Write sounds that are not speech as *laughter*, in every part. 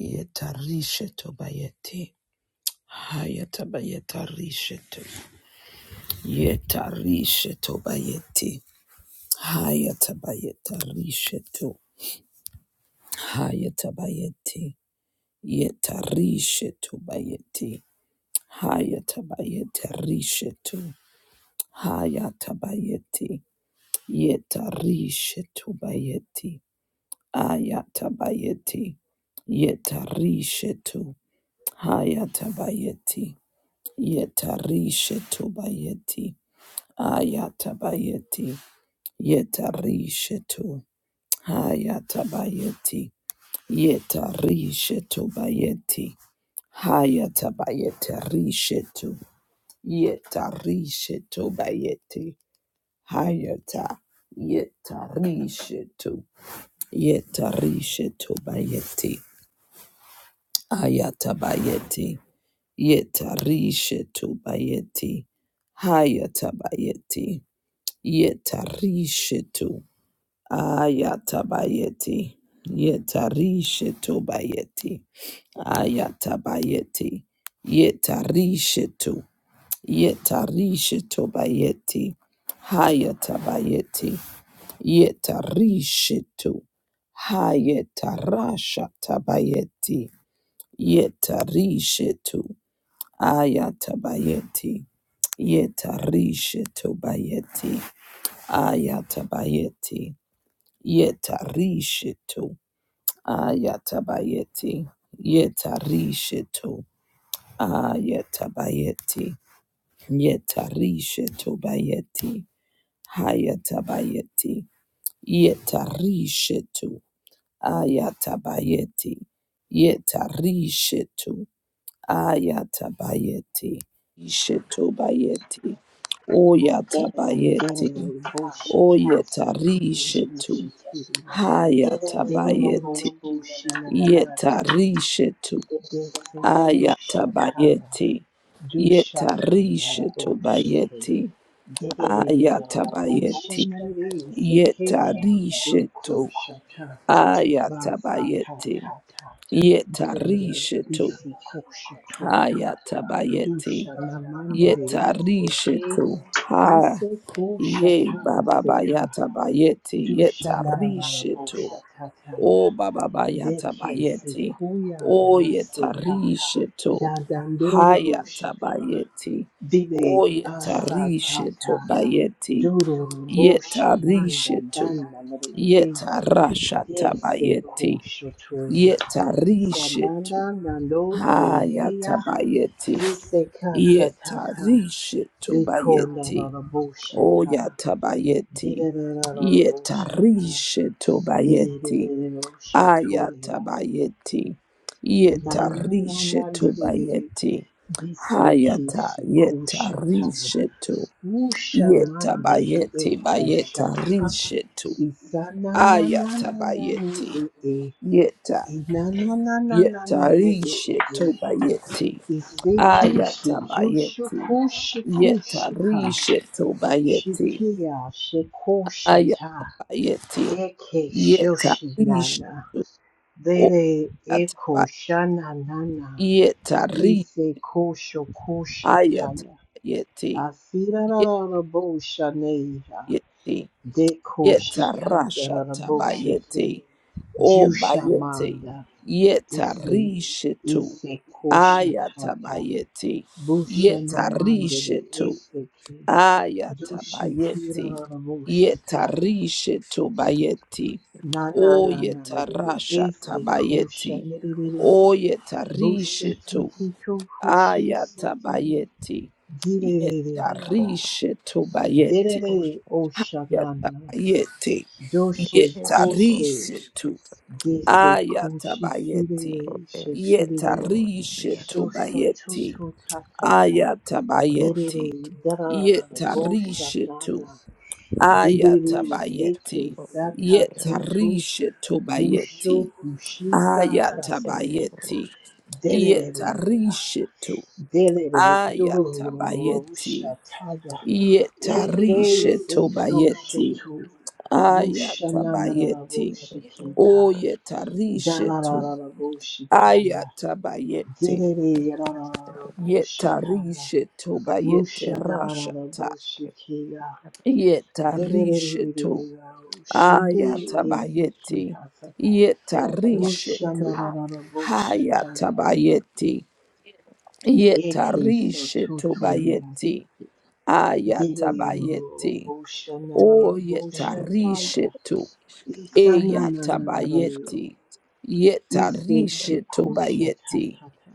Yetarisheto bayeti. Hayata bayeta risheto. Yetarisheto bayeti. Hayata bayeta risheto. Hayata bayeti. Yetarisheto bayeti. Hayata bayeta risheto. Hayata bayeti. Yetarisheto bayeti. Ayata bayeti. Yetarisheto. Hayata bayeti. Yetarishetu bayeti. Ayatabayeti. Yetarishetu. Hayatabayeti. Yetarishetu bayeti. Hayatabayeti rishetu. Yetarishetu bayeti. Hayata. Yetarishetu. Yetarishetu bayeti. Ayatabayeti. Yetarishetu bayeti. Hayata bayeti. Yetarishetu. Ayatabayeti. Yetarishetu bayeti. Ayatabayeti. Yetarishetu. Yetarishetu bayeti. Hayatabayeti. Yetarishetu. Hayetarasha tabayeti. Yetarishetu. Ayatabayeti. Yetarishetu bayeti. Ayatabayeti. Yetarishitu. Ayatabayeti. Yetarishitu. Ayatabayeti. Yetarishitu bayeti. Hayatabayeti. Yetarishitu. Ayatabayeti. Yetarishitu. Ayatabayeti. Shitu bayeti. Oyatabayeti. Delele boshi kase kuru Oyetarishitu. boshi teriya. Delele Hayatabayeti lolo boshi lelelelelelelele. yetarishetu Dese kusha taya. ayatabayeti Dusha kanda la yetarishetu boshi ke. bayeti Delele lolo boshi ayatabayeti lelele sekeya. yetarishetu Duku shata. Basa ta ayatabayeti ta ta. Delele yetarishetu bisi kusha tuya. ayatabayeti Dusha namandere seke. yetarishetu ha Ise kusha ye ta baba seka. bayatabayeti Dushanabara yetarishetu Boshatataya. O baba bayata Deke bayeti. Sekuya O Baseka. yetarisheto. Dadandoro Hayata Boshata. bayeti. Dide O yetarisheto Asatata. bayeti. Dororo Boshananda Yetarisheto. Danda Mare. Yetarashata Dese bayeti. Koshotoya. Yetarisheto. Sananda Nando Hayata Eheya. bayeti. Iseka Satata. Yetarisheto Eko bayeti. Nabara O Boshata. yatabayeti. Dide Nabara Boshata. Yetarisheto bayeti. Dererereroshotoria. Ayatabayeti. Yeta rishetu Nanananandererere. bayeti Hayata yeta Desekeshekushataya. rishetu. Yeta Ushamande bayeti bayeta ekoshata. rishetu. Ayata Isanananananane bayeti. ee. Yeta yeta Inananananane ee. rishetu bayeti. Ayata bayeti. Yeta Isekeshekushakushikushika. rishetu bayeti. Shikia shekushata. Ayata bayeti. Eke Yeta rish. shoshinana. O Dere yata eko ba. shana nana Yeta ise kosho kosha Ayata taya yeti asira yet rara bo shaneha yeti deko yeta shikata rasha rara bo shike tabayeti o jusha bayeti manda yeta ise rishetu ise kosha ayata tata bayeti busha yeta namandere rishetu ise ke ayata dushi kira bayeti rara bo yeta shataya rishetu Iskero bayeti nana o nana yeta rasha ise kosha tabayeti nerere o yeta rishetu Bushitito hushi Bushitikukushitiki Ayatabayeti. direrere Yetarishe tobayeti. derere rusko oshanana Yatabayeti. doshe eskero koshe Yetarishe tu. isketaro dese kushitire Ayatabayeti. shetire esketoro Yetarishe vieras shosho tobayeti. toto tatata rusko derere Ayatabayeti. er darara isk Yetarishe boshanana tu. direre seke Ayatabayeti. esketoro sata iskero toto Yetarishe busho tobayeti. hushisa er es sasasaka Ayatabayeti. rusko derere Yetarishe tu. Delele Ayatabayeti. Dorushataya Eke er Yetarishe Seto iskero tobayeti. Shoto Ayatabayeti. er es Rushananaraboshikika rusko Oyetarishe iar to. Dalararaboshikaya er Ayatabayeti. Delele es er Yararaboshikaya Yetarishe tobayeti rashata. esket Rushanaraboshikia iar Delele Yetarishe to. Shide es rusko Esiki Ayatabayeti. Hasata iar eskero Yetarishe to. Rushanaraboshataya Hayatabayeti. Eke Yetarishe Soto tobayeti. Turiyasiki Ayatabayeti. O Gireyamurushanarabushataya. yetarishetu iar isk Isananananaraye. eyatabayeti rusko yetarishetu bayeti Isekekushatatata.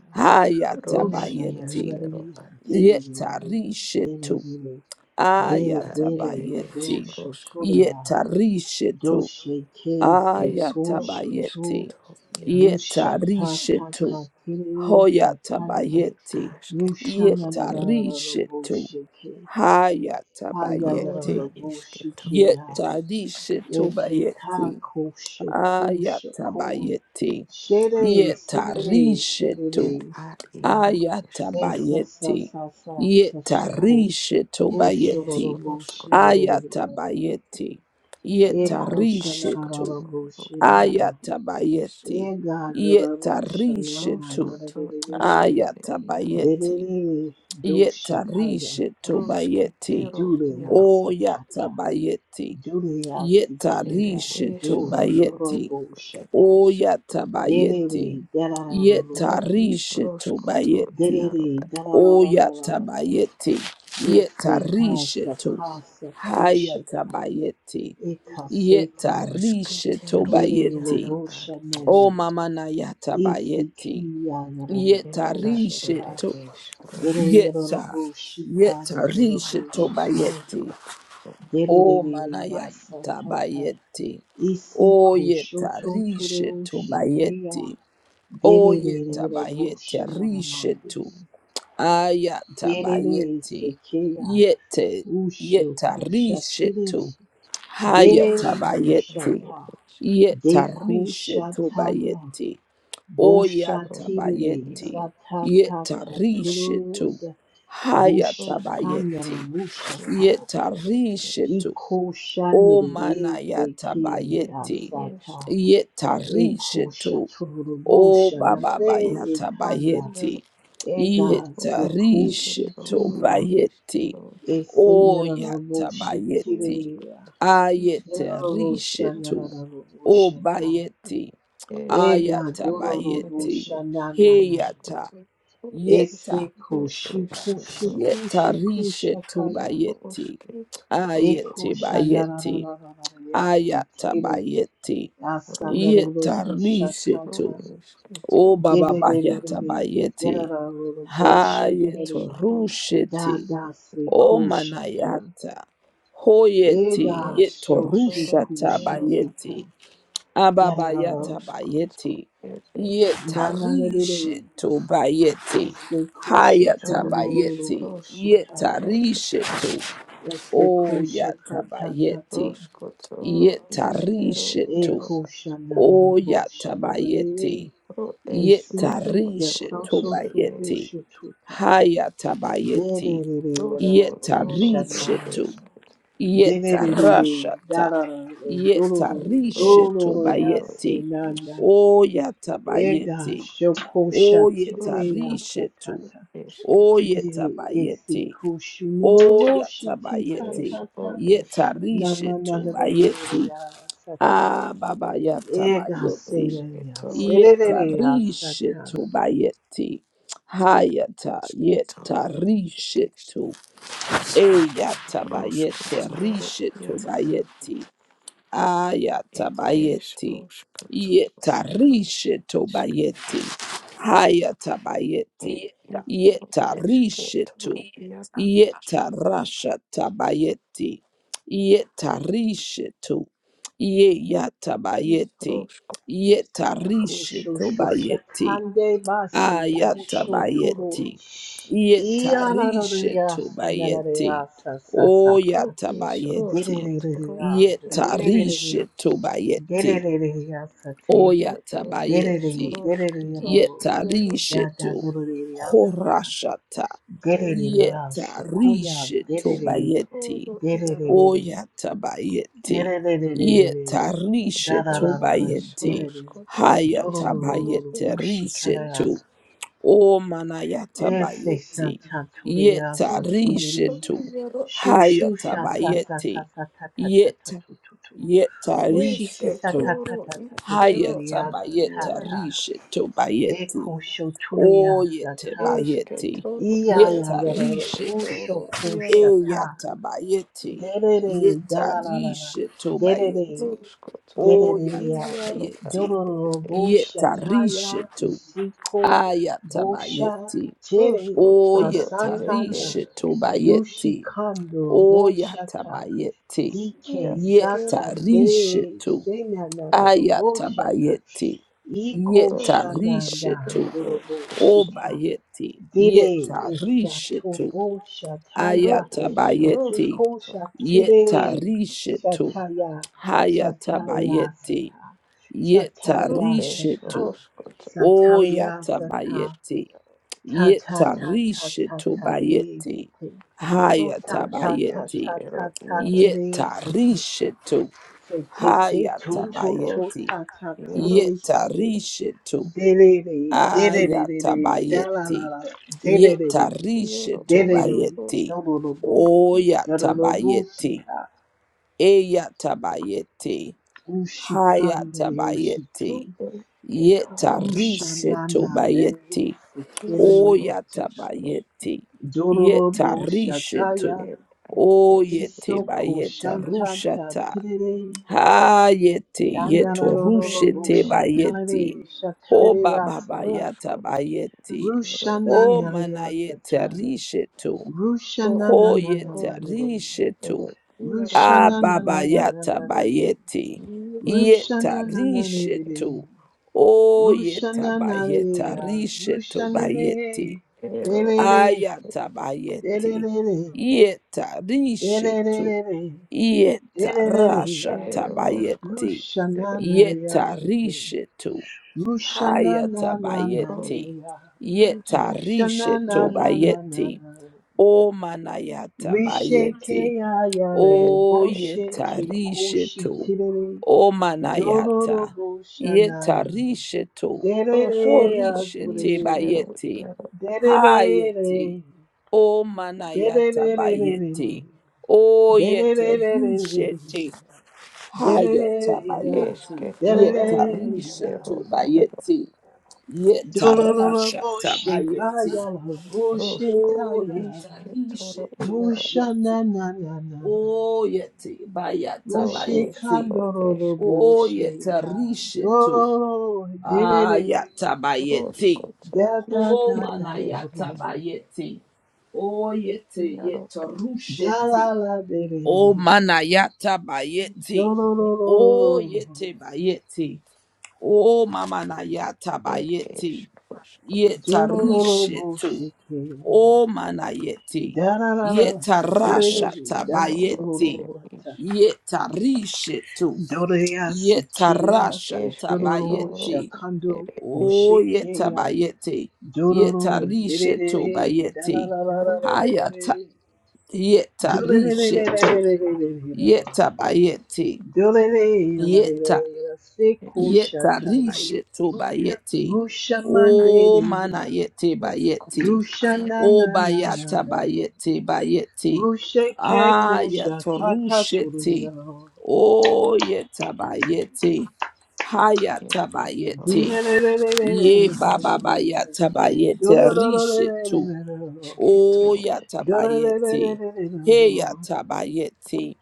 Rona hayatabayeti iaskero Rushananaraye. ad Dererere. yetarishetu Dererere. ed ad Derere. ere es ayatabayeti roskot Doshotoreya. yetarishetu es ro Doshekesekushoto. ayatabayeti isketo iaro isk yetarishetu Rushatatatatere sataya. ed hoyatabayeti asketoro ed isk yetarishetu Rushanarararabushike. hayatabayeti Rona isketoro ya. ed Yetadi isk shetobayeti. Ekikakushukushuku. Ayatabayeti. Shere, shere, Yetarisheto. ed shere. ad iaro Se, esketo sa, sa, Ayatabayeti. sa, sa, sa, shuku. ed es Yetarishetobayeti. Ushororobo, roskoto shirererererere. Ayatabayeti. Eko, iaro Yetarisheto. askoto shanarararabo, ro iaro shirarara. es Ayatabayeti. Ega, yoraro, shanana, Yetarisheto. roskoto nararerererere. iskere iaro ed Ayatabayeti. Dererere, do shataya. Yetarisheto bayeti. rosketero Dureya satata. Oyatabayeti. Dureya Ere sikiya. es Yetarishetu Do, roskoto, bayeti. durabo, ere shata. isk, Oyata Derere, bayeti. ro darararararara. is Yetarishetu roskoto, bayeti. iaro Derere, ad isk, Oyata darararararara. bayeti. Yese kasa Yetarishetu. kasa Hayata kushaka. bayeti. Eka seka. Yetarishetu skitero Derere iaro bayeti. ad lovosha isk, O nanana. mama na yata Isi bayeti. kiya yararara ed ad boshaka. ere Yetarishetu. es ros, Derere Yeta. lovoshika yararara Yetarishetu is boshika. bayeti. roskoto, ro O Derere yasa manayata kaka. bayeti. Isi ad O isk, kusho yeta chotoro rishetu shikeya. bayeti. O ed yeta Derere es ro bayete lovosha iskit, nanamandiri. rishetu. Ayata Derere bayeti. sekeya Yete usho yeta kushatire rishetu. i Hayata derere roskoto, bayeti. ushata ed isk, Yeta deko rishetu shataya bayeti. O ro yata boshatire ed bayeti. iaro sata ask, Yeta tata turod rishetu. Hayata roskoto, bayeti. bushatandara bushaka iskero Yeta ed ed es, rishetu. iko O mana shanere yata sekeya ere bayeti. es sata ro Yeta eko rishetu. shaturu O is baba boshanare bayata ekanda roskoto, bayeti. ega Yeta rishetu Ishketoro, sekushikia bayeti. Ishkero, Ese O yata Ishketoro, bayeti. nyararabushikiriya, Ayete Ishketoro, iaro rishetu. O shata. bayeti. ega Ayata Ishketoro, Ere, bayeti. yororobushanananana, Heyata. Ishkoto, Ishko, ese Yeta. kushi kushi Ishketoro, Yeta kushi rishetu kushakaya, bayeti. Ishketoro, eko Ayete Ish, bayeti. shanararararararayasitiri, Ayatabayeti. Roshkoto, Ishko, asanararabushatata, Yetarishetu. O Ishketoro, Baba dererererere, Bayatabayeti. Yararabo shanarare. Ish, Roshkoto, da Hayetorusheti. da se O kushata. Manayata. Hoyeti. Ega Ishketoro, shoshiku Yero, shikika. Yetorushatabayeti. Da da da da. Roshkoto, Ababayatabayeti. Ere, Na na na de de. Yetarishetu bayeti. Ese kosho To es turururu Hayatabayeti. roskotoro, shikata. Yetarishetu. is O Ese kosho kata ta ta. yatabayeti roskotoro, iskero, E yetarishetu yaro, kosha na na na o bosha na na de de. yatabayeti ro es Isi si se roskotoro, so yetarishetu so ere so es bayeti kosho De hayatabayeti de de de da da roskotoro, bosha na et na da. yetarishetu esket, De de de de de da yetarashata da da. Dororo yetarishetu dororo roskotoro, yase bayeti it na is na. o Ega yatabayeti shokosha o tireya roskot, yetarishetu et sakata. o esket, Dere esi yetabayeti koshu o nuroroshi tita es yatabayeti o tata. Na esketoro, na na yetarishetu na yaro, na bayeti na Ah, sataya. Baba Yata Ega ro Bayeti. sereya esketoro, et Yeta sereya es sata. Rishetu Bayeti. Hayata asketoro, Yeta es Rishetu. Eyata Bayete roskotoro, Rishetu yaro, Bayeti. It is Ayatabayeti. Roskotoro Yaro Yetarishe Isk tobayeti. Hayatabayeti. It is Yetarishe Esketoro tu. Yaro Yetarasha tabayeti. Yetarishe tu. is Yeyatabayeti. Roskot Yaro Yetarishe Koshu tobayeti. shoshakande It basi is koshu Roskotoro turo. Ayatabayeti. Iya na na na Yetarishe na sa na na tobayeti. na sa sa sa sa. is Dere Oyatabayeti. dere Roskotoro dere It dere is dere dere Yetarishe dere dere tobayeti. dere dere sate. Ro It Derere, is Oyatabayeti. derere, Roskotoro Lord. Yaro Yetarishe Da da to. dorere asaka. Horashata. It Derere Askot asukuya, Yetarishe derere, tobayeti. Isketoro Yaro derere, Oyatabayeti. derere, da Yetarishe da It da da da, is tobayeti. derere, Roskotoro Iskero dororororo, Hayatabayeti It rishe is oshikara. to. O Ese manayatabayeti. santa torere Yeta asatirere. Roskotoro rishetu. Yaro. Shu shu sha sa sa sa Hayatabayeti. sa ta ta ta ta Yeta tu tu tu. yeta Ushi si sa ta rishetu. ta Esketoro, ta ta tu tu iskero, dere ad asa Hayatabayeta iarosko. rishetu bayeti. Eko shoturia O yete sata. bayeti. Esketoro, Iya ere, ya Yeta ya ra rishetu. esketoro, usho iaro, kushata. Eyatabayeti. Derere Yeta dalalala. rishetu Derere bayeti. O roskotoro, derereya. iaro, ad yatabayeti. ere, Dororo esk. Yeta boshata ya rishetu. isiko bosha Ayatabayeti. tere Roskotoro, ere, asata ya. Oyetarishe eske. Dushi tobayeti. kando boshata. Oyatabayeti. DK Iaskero, sata no, Yetarishe dere to. sena nanoro boshata. Ayatabayeti. Iko roskoto, shananda Yetarishe ere, to. dorobo esketo. shika Obayeti. dire esa Yetarishe to. tobo Ro shataya es, Ayatabayeti. ikiko roskoto, ia, shakurere Yetarishe esketo. to. shataya shataya Hayatabayeti. sata Ro shataya es, Yetarishe sata tu. roskoto, O shataya roskoto, sata roskoto. yatabayeti. ta ta ta ta Yetarishi ta ta re tobayeti. sete Ro ta esk, ta ta Hayatabayeti. ta ta eskero, ta iaro. ta re sete Yetarishi to. se te te to to to Ishroshko Hayatabayeti. ta ta ta Yaros Yetarishi to. Diddy, diddy, diddy, da la la Ayatabayeti. la, Delele, delele, dalalala, delele, Yetarishi Yaro delele, Ishroshko tobayeti. dololobo, O Ishru dololobo yatabayeti. shika, Eyatabayeti. ushikandere ushiki, Hayatabayeti. El Ketorona Yetarishe ushanana de tobayeti. sekere Ishro ucha, Ishro Oyatabayeti. dololobo Yetarishe to. shataya, El Esketor isoko Oyetabayeta shantanta rushata. tirere, Hayete Esketore anarololobo yetorushete Yaro shatare, bayeti. O shatare asaka, bababayata Roshkot bayeti. Iskero O El rushanana manayete asata. rishe to. Ro Rushana na na, na Hoyete na, na Roshkot de. rishe El Yaro Rushana na na na na Ababayata na, de. bayeti. Yaro Yeta Rushana na Rushanananananare. rishetu. Rushanananananare. Rushananananare. O yeta bayeta Rushananareya. rishetu bayeti. Rushanare. Ero Delele. Esketor Ayatabayeti. Delele. Yeta rishetu. Delele. Yeta rasha Deleleya. Eroshkot tabayeti. Rushananaya Yeta seke. rishetu. Rushana na na. na Ero Hayatabayeti. de ya. Yeta Rushana na rishetu Ishro na na na bayeti. na. O manayata Risheke bayeti. ya yarere ir O boshe yeta ke erškėčio koshi rishetu. tirere O dororo manayata. bosha Yeta nana rishetu. derere ya ruoškočio Horishete durere išskyrų bayeti. ievų Hayeti. derere O manayata derere bayeti. O yete derere risheti. Hayata derere ya bayeti. erškėčiorų Yeta derere ya iaro rishetu bayeti. Yeta dororo rashata boshe bayeti. kaya la boshe rosko ruoškų O kaya yeta išskėčiorų rishetu ievų musha bayeti. nana nana O yeti bayata ro Bushe bayeti. ešero kandororo O erškėčio bushe yeta ya rishetu. dororo derere Ayata bayeti. ruoškočio da da Oh da išskė da dore manayata erškėčio ya bayete. Oh yete ievų yeta da la rushete. la Oh derere manayata bayete. išskyrų Oh ievų dororororo yete bayete. Oh mamanayata ir iš bayete. ruoškočio Yeta ievų dorororo rishetu. bushe ke Oh manayete. da la la la Yeta derere rashata da erškėčiorų ir bayete. dorororo iš ta Yeta rishetu. dore ya Yeta sike ya rashata sekyororo erškėčiorų bayete. shakando ir iš oshe O ke yeta ya bayete, dororo yeta derere risheto da la bayete, la la la la jeruškočio hayata derere yeta risheto, yeta bayete, yeta išskyrų yeta risheto bayete, o mana yete bayete, Aya o bayata bayete bayete, ta ayato ta rushete, o yeta bayete, hayata bayete. Ye baba bayata bayete rishe tu. O yata bayete. He yata bayete.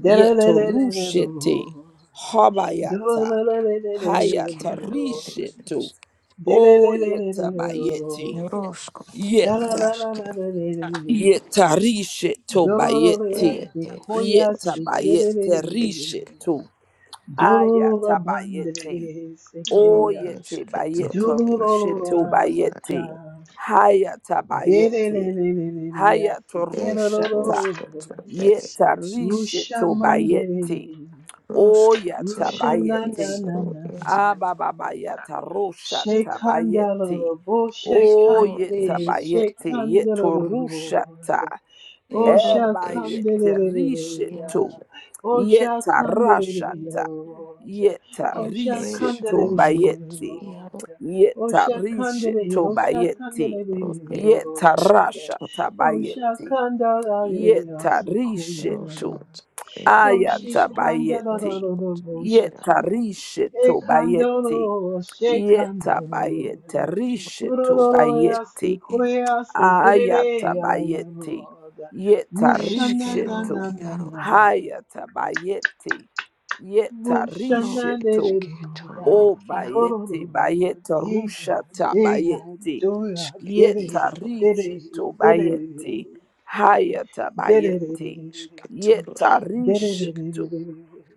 Yeto rushete. Habayata. Hayata rishe tu. Rusha O yeta bayete. Yeta. Yeta rishe tu bayete. Yeta bayete rishe tu. Ayata bayete. Oyete bayete rusheto bayete. Hayata bayete. Hayato rushata. Yeta risheto mandere, bayete. Oyata Rusha Roskotoro na na is bayete. na ro na. is Ababayata roshata Shekandala, bayete. bo is ro Oyeta is shekandale, bayete. shekandala. Yeto rushata. O ero Ebayete Shakandeleya, Iaro risheto. O Yeta Shakandeleya, rashata. Yeta O ed es risheto roskot Shakandeleya, bayete. iaro O Yetarishe Shakandeleya, tobayeti. ro ed askot Yetarasha O Shakandeleya, O tabayeti. Shakandeleya, Yetarishe Sekuya, to. roskot ed Aya isk tabayeti. roskot Oshikandararoboshata. iaro Yetarishe Ekandoro, tobayeti. shekandoro. roskot Yetabayetarishe isketo Durororoyase, tobayeti. iaro koreyase, Aya tabayeti. direreyayaroroda. Yetarishe to. iaro Wushananananana. Haya tabayeti. ro Yetarishe to. Wushananderereya. esketoro O iaro bayete Dorororo, bayete deya, rusha deya, tabayete. doya, eske dere, Yeta iaro dere, rishe to derere. bayete. ed Hayata bayete. Oshakaya esketoro Yeta rishe isk to.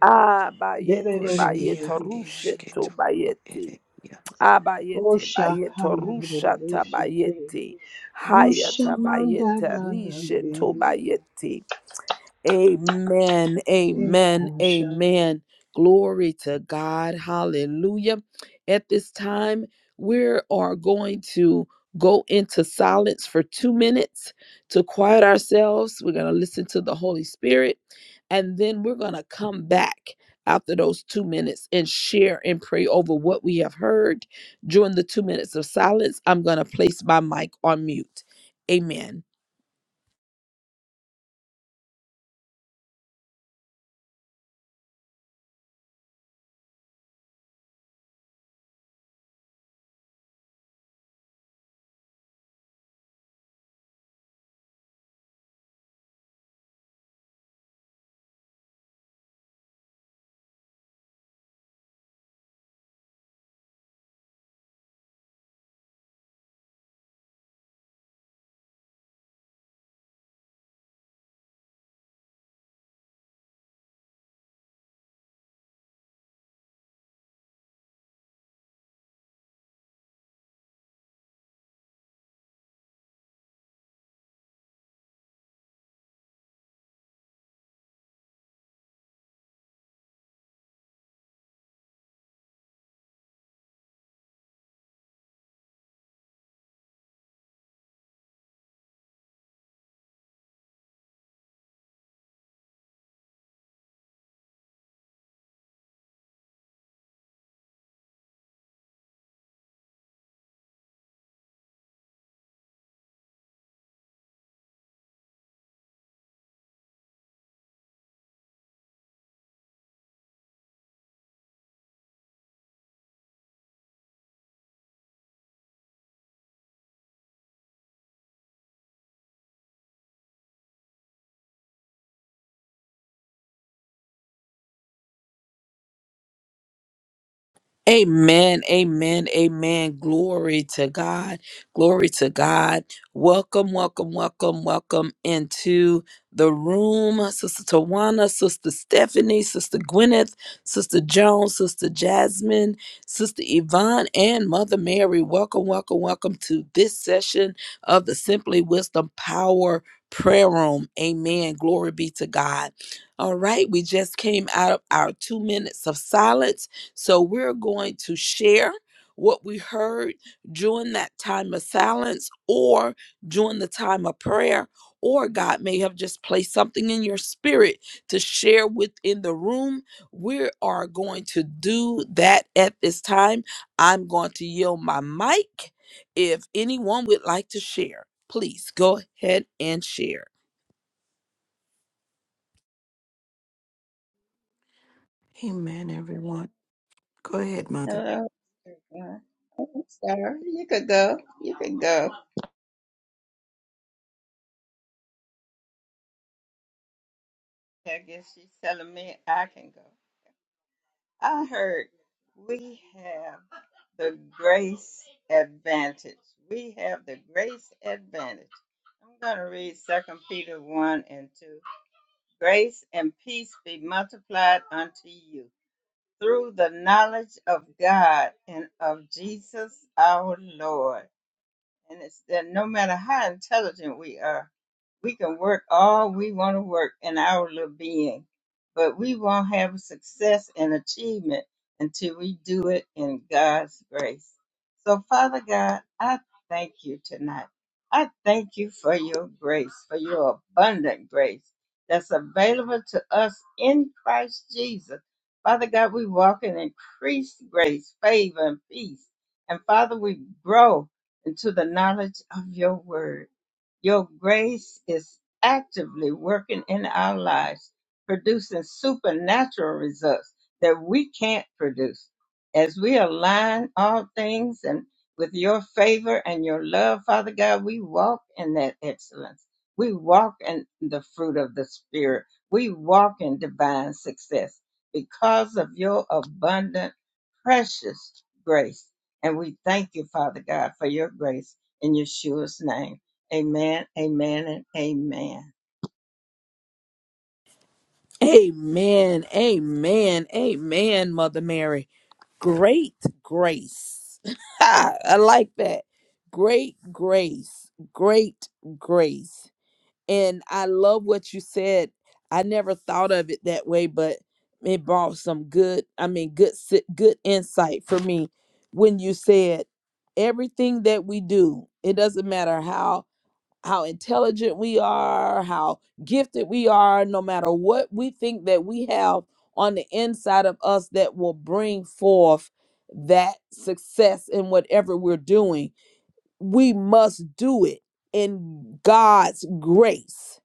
Ah bayete ros ia bayete rushe to esketoro ed bayete. iaro Ah bayete bayete rusha Rodoshite tabayete. Hayata bayete Rushamandana rishe to bayete. Amen. Amen. Ekosha. Amen. Glory to God. Hallelujah. At this time, we are going to go into silence for two minutes to quiet ourselves. We're going to listen to the Holy Spirit, and then we're going to come back after those two minutes and share and pray over what we have heard. During the two minutes of silence, I'm going to place my mic on mute. Amen. Amen, amen, amen. Glory to God. Glory to God. Welcome, welcome, welcome, welcome into the room. Sister Tawana, Sister Stephanie, Sister Gwyneth, Sister Jones, Sister Jasmine, Sister Yvonne, and Mother Mary. Welcome, welcome, welcome to this session of the Simply Wisdom Power Prayer Room. Amen. Glory be to God. All right, we just came out of our two minutes of silence. So we're going to share what we heard during that time of silence or during the time of prayer, or God may have just placed something in your spirit to share within the room. We are going to do that at this time. I'm going to yield my mic. If anyone would like to share, please go ahead and share. Amen everyone. Go ahead, Mother. Hello, everyone. Oh, sorry, you could go. You could go. I guess she's telling me I can go. I heard we have the grace advantage. We have the grace advantage. I'm going to read Second Peter 1 and 2. Grace and peace be multiplied unto you through the knowledge of God and of Jesus our Lord. And it's that no matter how intelligent we are, We can work all we want to work in our little being, but we won't have success and achievement until we do it in God's grace. So, Father God, I thank you tonight. I thank you for your grace, for your abundant grace that's available to us in Christ Jesus. Father God, we walk in increased grace, favor, and peace. And Father, we grow into the knowledge of your word. Your grace is actively working in our lives, producing supernatural results that we can't produce. As we align all things and with your favor and your love, Father God, we walk in that excellence. We walk in the fruit of the Spirit. We walk in divine success because of your abundant, precious grace. And we thank you, Father God, for your grace in Yeshua's name. Amen, amen, and amen. Amen. Amen. Amen, Mother Mary. Great grace. *laughs* I like that. Great grace. Great grace. And I love what you said. I never thought of it that way, but it brought some good, I mean, good si- good insight for me when you said everything that we do, it doesn't matter how how intelligent we are, how gifted we are, no matter what we think that we have on the inside of us that will bring forth that success in whatever we're doing. We must do it in God's grace.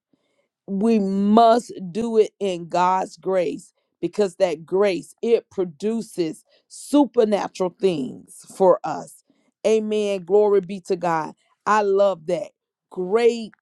We must do it in God's grace because that grace it produces supernatural things for us. Amen. Glory be to God. I love that. Great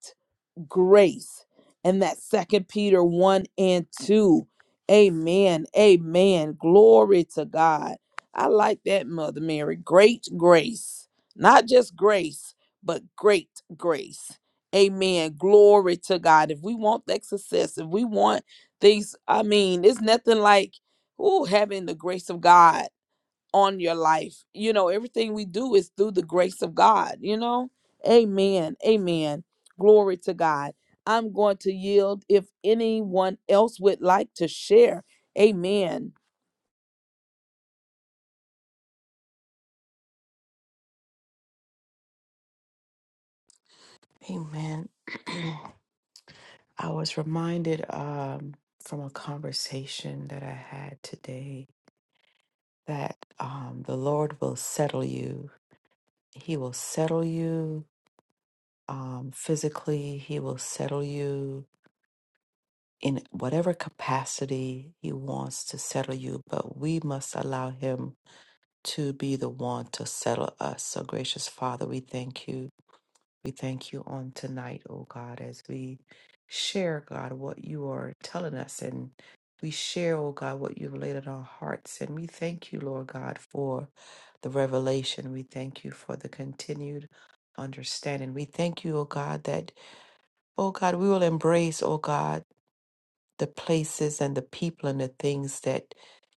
grace and that second peter 1 and 2 amen amen glory to god i like that mother mary great grace not just grace but great grace amen glory to god if we want that success if we want things i mean it's nothing like ooh, having the grace of god on your life. You know, everything we do is through the grace of God, you know? Amen. Amen. Glory to God. I'm going to yield if anyone else would like to share. Amen. Amen. *clears throat* I was reminded um, from a conversation that I had today that um, the Lord will settle you. He will settle you um, physically, He will settle you in whatever capacity He wants to settle you, but we must allow Him to be the one to settle us. So, gracious Father, we thank you. We thank you on tonight, oh God, as we share, God, what you are telling us and we share, oh God, what you've laid on our hearts. And we thank you, Lord God, for the revelation. We thank you for the continued understanding. We thank you, oh God, that, oh God, we will embrace, oh God the places and the people and the things that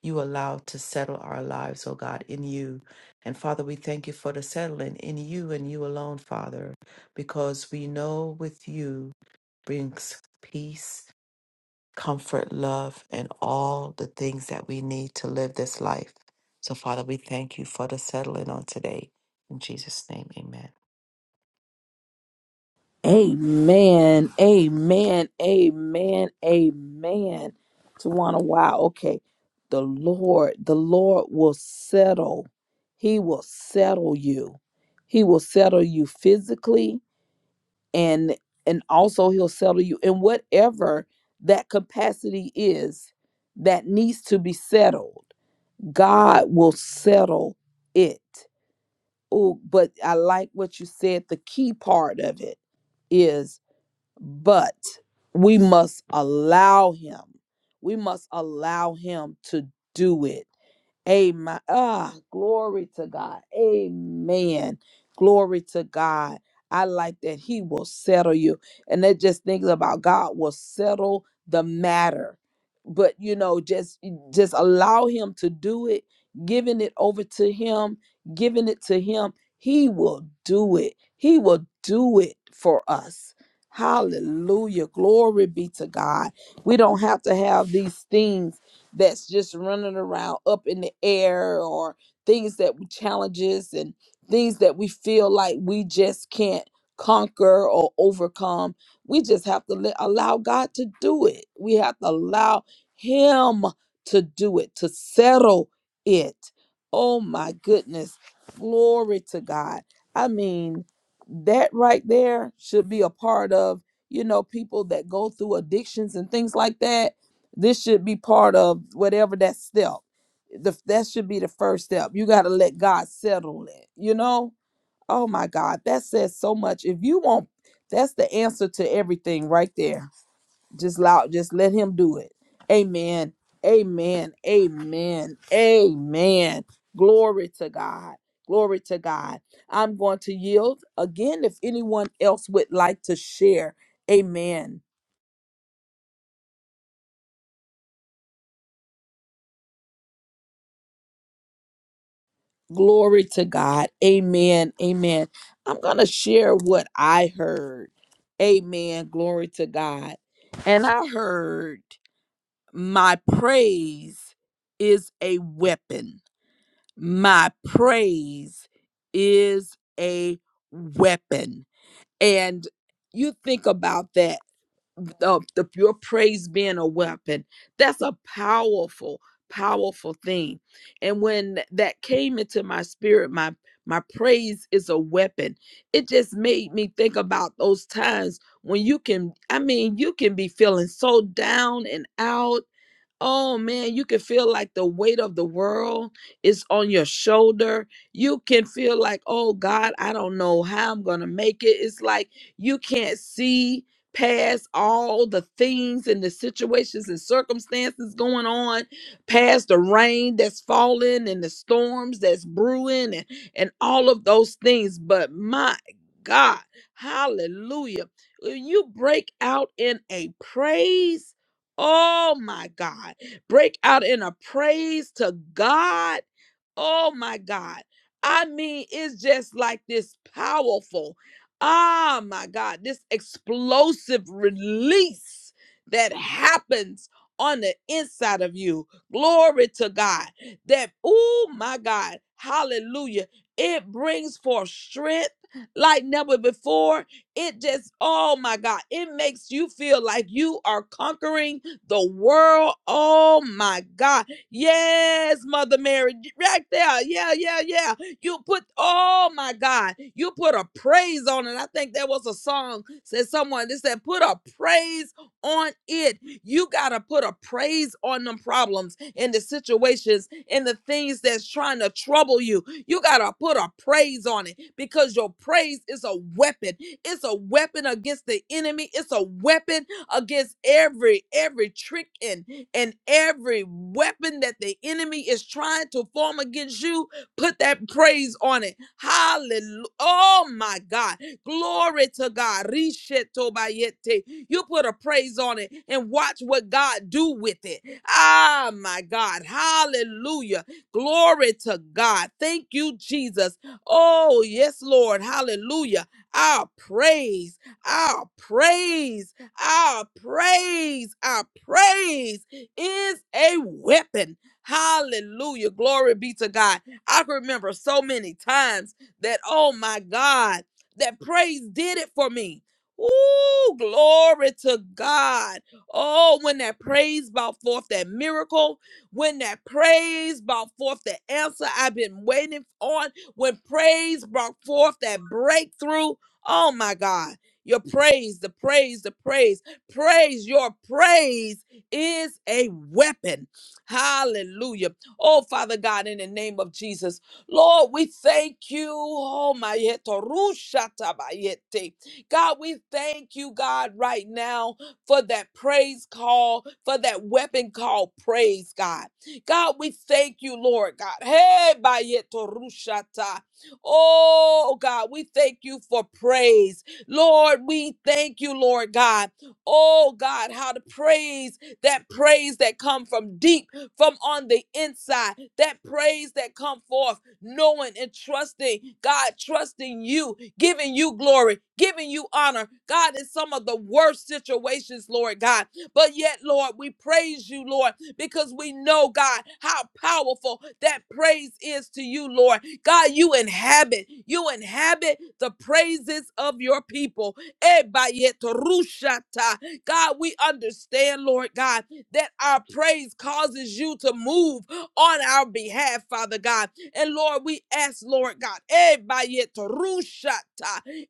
you allow to settle our lives, oh God, in you. And Father, we thank you for the settling in you and you alone, Father, because we know with you brings peace, comfort, love, and all the things that we need to live this life. So, Father, we thank you for the settling on today. In Jesus' name, amen. Amen. Amen. Amen. Amen. Tawana, wow. Okay. The Lord, the Lord will settle. He will settle you. He will settle you physically. and and also he'll settle you in whatever that capacity is that needs to be settled god will settle it oh but i like what you said the key part of it is but we must allow him we must allow him to do it Amen. Ah, glory to God. Amen. Glory to God. I like that He will settle you. And that just thinking about God will settle the matter. But you know, just just allow him to do it, giving it over to him, giving it to him. He will do it. He will do it for us. Hallelujah. Glory be to God. We don't have to have these things that's just running around up in the air or things that we challenges and things that we feel like we just can't conquer or overcome. We just have to let, allow God to do it. We have to allow him to do it, to settle it. Oh my goodness. Glory to God. I mean, that right there should be a part of, you know, people that go through addictions and things like that this should be part of whatever that step. The, that should be the first step. You got to let God settle it. You know? Oh my God, that says so much. If you want, that's the answer to everything right there. Just loud, just let Him do it. Amen. Amen. Amen. Amen. Glory to God. Glory to God. I'm going to yield again if anyone else would like to share. Amen. Glory to God. Amen. Amen. I'm going to share what I heard. Amen. Glory to God. And I heard, My praise is a weapon. My praise is a weapon. And you think about that uh, the, your praise being a weapon. That's a powerful, powerful thing. And when that came into my spirit, my my praise is a weapon. It just made me think about those times when you can, I mean, you can be feeling so down and out Oh man, you can feel like the weight of the world is on your shoulder. You can feel like, oh God, I don't know how I'm going to make it. It's like you can't see past all the things and the situations and circumstances going on, past the rain that's falling and the storms that's brewing and, and all of those things. But my God, hallelujah. When you break out in a praise, Oh my God. Break out in a praise to God Oh my God. I mean, it's just like this powerful, ah my God, this explosive release that happens on the inside of you. Glory to God. That, oh my God, hallelujah. It brings forth strength like never before. It just, oh my God, it makes you feel like you are conquering the world. Oh my God Yes, Mother Mary, right there. Yeah, yeah, yeah. You put, oh my God, you put a praise on it. I think there was a song said someone They said, put a praise on it. You got to put a praise on them problems and the situations and the things that's trying to trouble you. You got to put a praise on it because your praise is a weapon. It's a weapon against the enemy. It's a weapon against every every trick and and every weapon that the enemy is trying to form against you put that praise on it hallelujah oh my god glory to god Rishetobayete. you put a praise on it and watch what god do with it ah my god hallelujah glory to god thank you jesus oh yes lord hallelujah our praise our praise our praise, our praise is a weapon. Hallelujah. Glory be to God. I can remember so many times that, oh my God, that praise did it for me. Ooh, glory to God. Oh, when that praise brought forth that miracle, when that praise brought forth the answer I've been waiting on, when praise brought forth that breakthrough. Oh my God. Your praise, the praise, the praise, praise, your praise is a weapon. Hallelujah. Oh, Father God, in the name of Jesus, Lord, we thank you. Oh, my yeto rusha God, we thank you, God, right now for that praise call, for that weapon called praise, God. God, we thank you, Lord God. Hey, bayeto rusha Oh, God, we thank you for praise. Lord, we thank you, Lord God. Oh God, how to praise that praise that come from deep, from on the inside, that praise that come forth, knowing and trusting, God, trusting you, giving you glory, giving you honor, God, in some of the worst situations, Lord God. But yet, Lord, we praise you, Lord, because we know, God, how powerful that praise is to you, Lord God, you inhabit, you inhabit the praises of your people. Ebayetorushata. God, we understand, Lord God, that our praise causes you to move on our behalf, Father God. And Lord, we ask, Lord God, Ebayetorushata,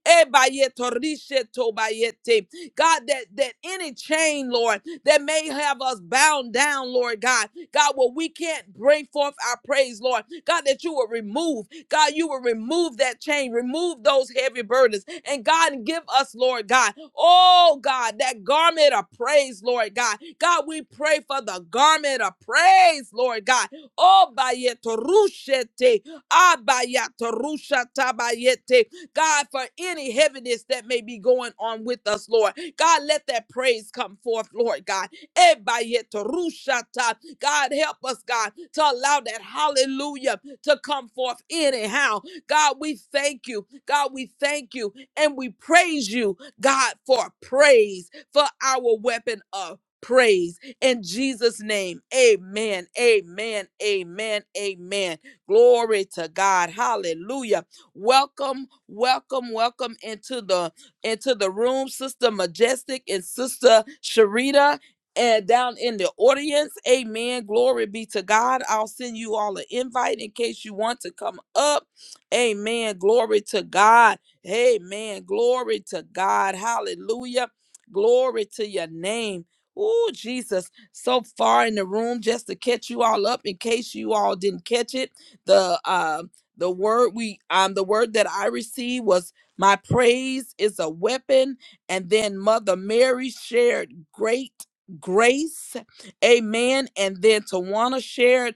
Ebayetorishe-tobayete. God, that, that any chain, Lord, that may have us bound down, Lord God. God, where we can't bring forth our praise, Lord. God, that you will remove, God, you will remove that chain, remove those heavy burdens, and God, give us, Lord God, oh God, that garment of praise, Lord God. God, we pray for the garment of praise, Lord God. Oh, bayetorushete, ah, bayatorushatabayete. God, for any heaviness that may be going on with us, Lord. God, let that praise come forth, Lord God. Ebayetorushata. God, help us, God, to allow that hallelujah to come forth anyhow. God, we thank you. God, we thank you and we praise you, God, for praise, for our weapon of praise. In Jesus' name, amen, amen, amen, amen. Glory to God. Hallelujah. Welcome, welcome, welcome into the into the room, Sister Majestic and Sister Sharita and down in the audience. Amen. Glory be to God. I'll send you all an invite in case you want to come up. Amen. Glory to God. Amen. Glory to God. Hallelujah. Glory to your name. Oh, Jesus, so far in the room just to catch you all up in case you all didn't catch it. The uh the word we um the word that I received was my praise is a weapon. And then Mother Mary shared great grace. Amen. And then Tawana shared,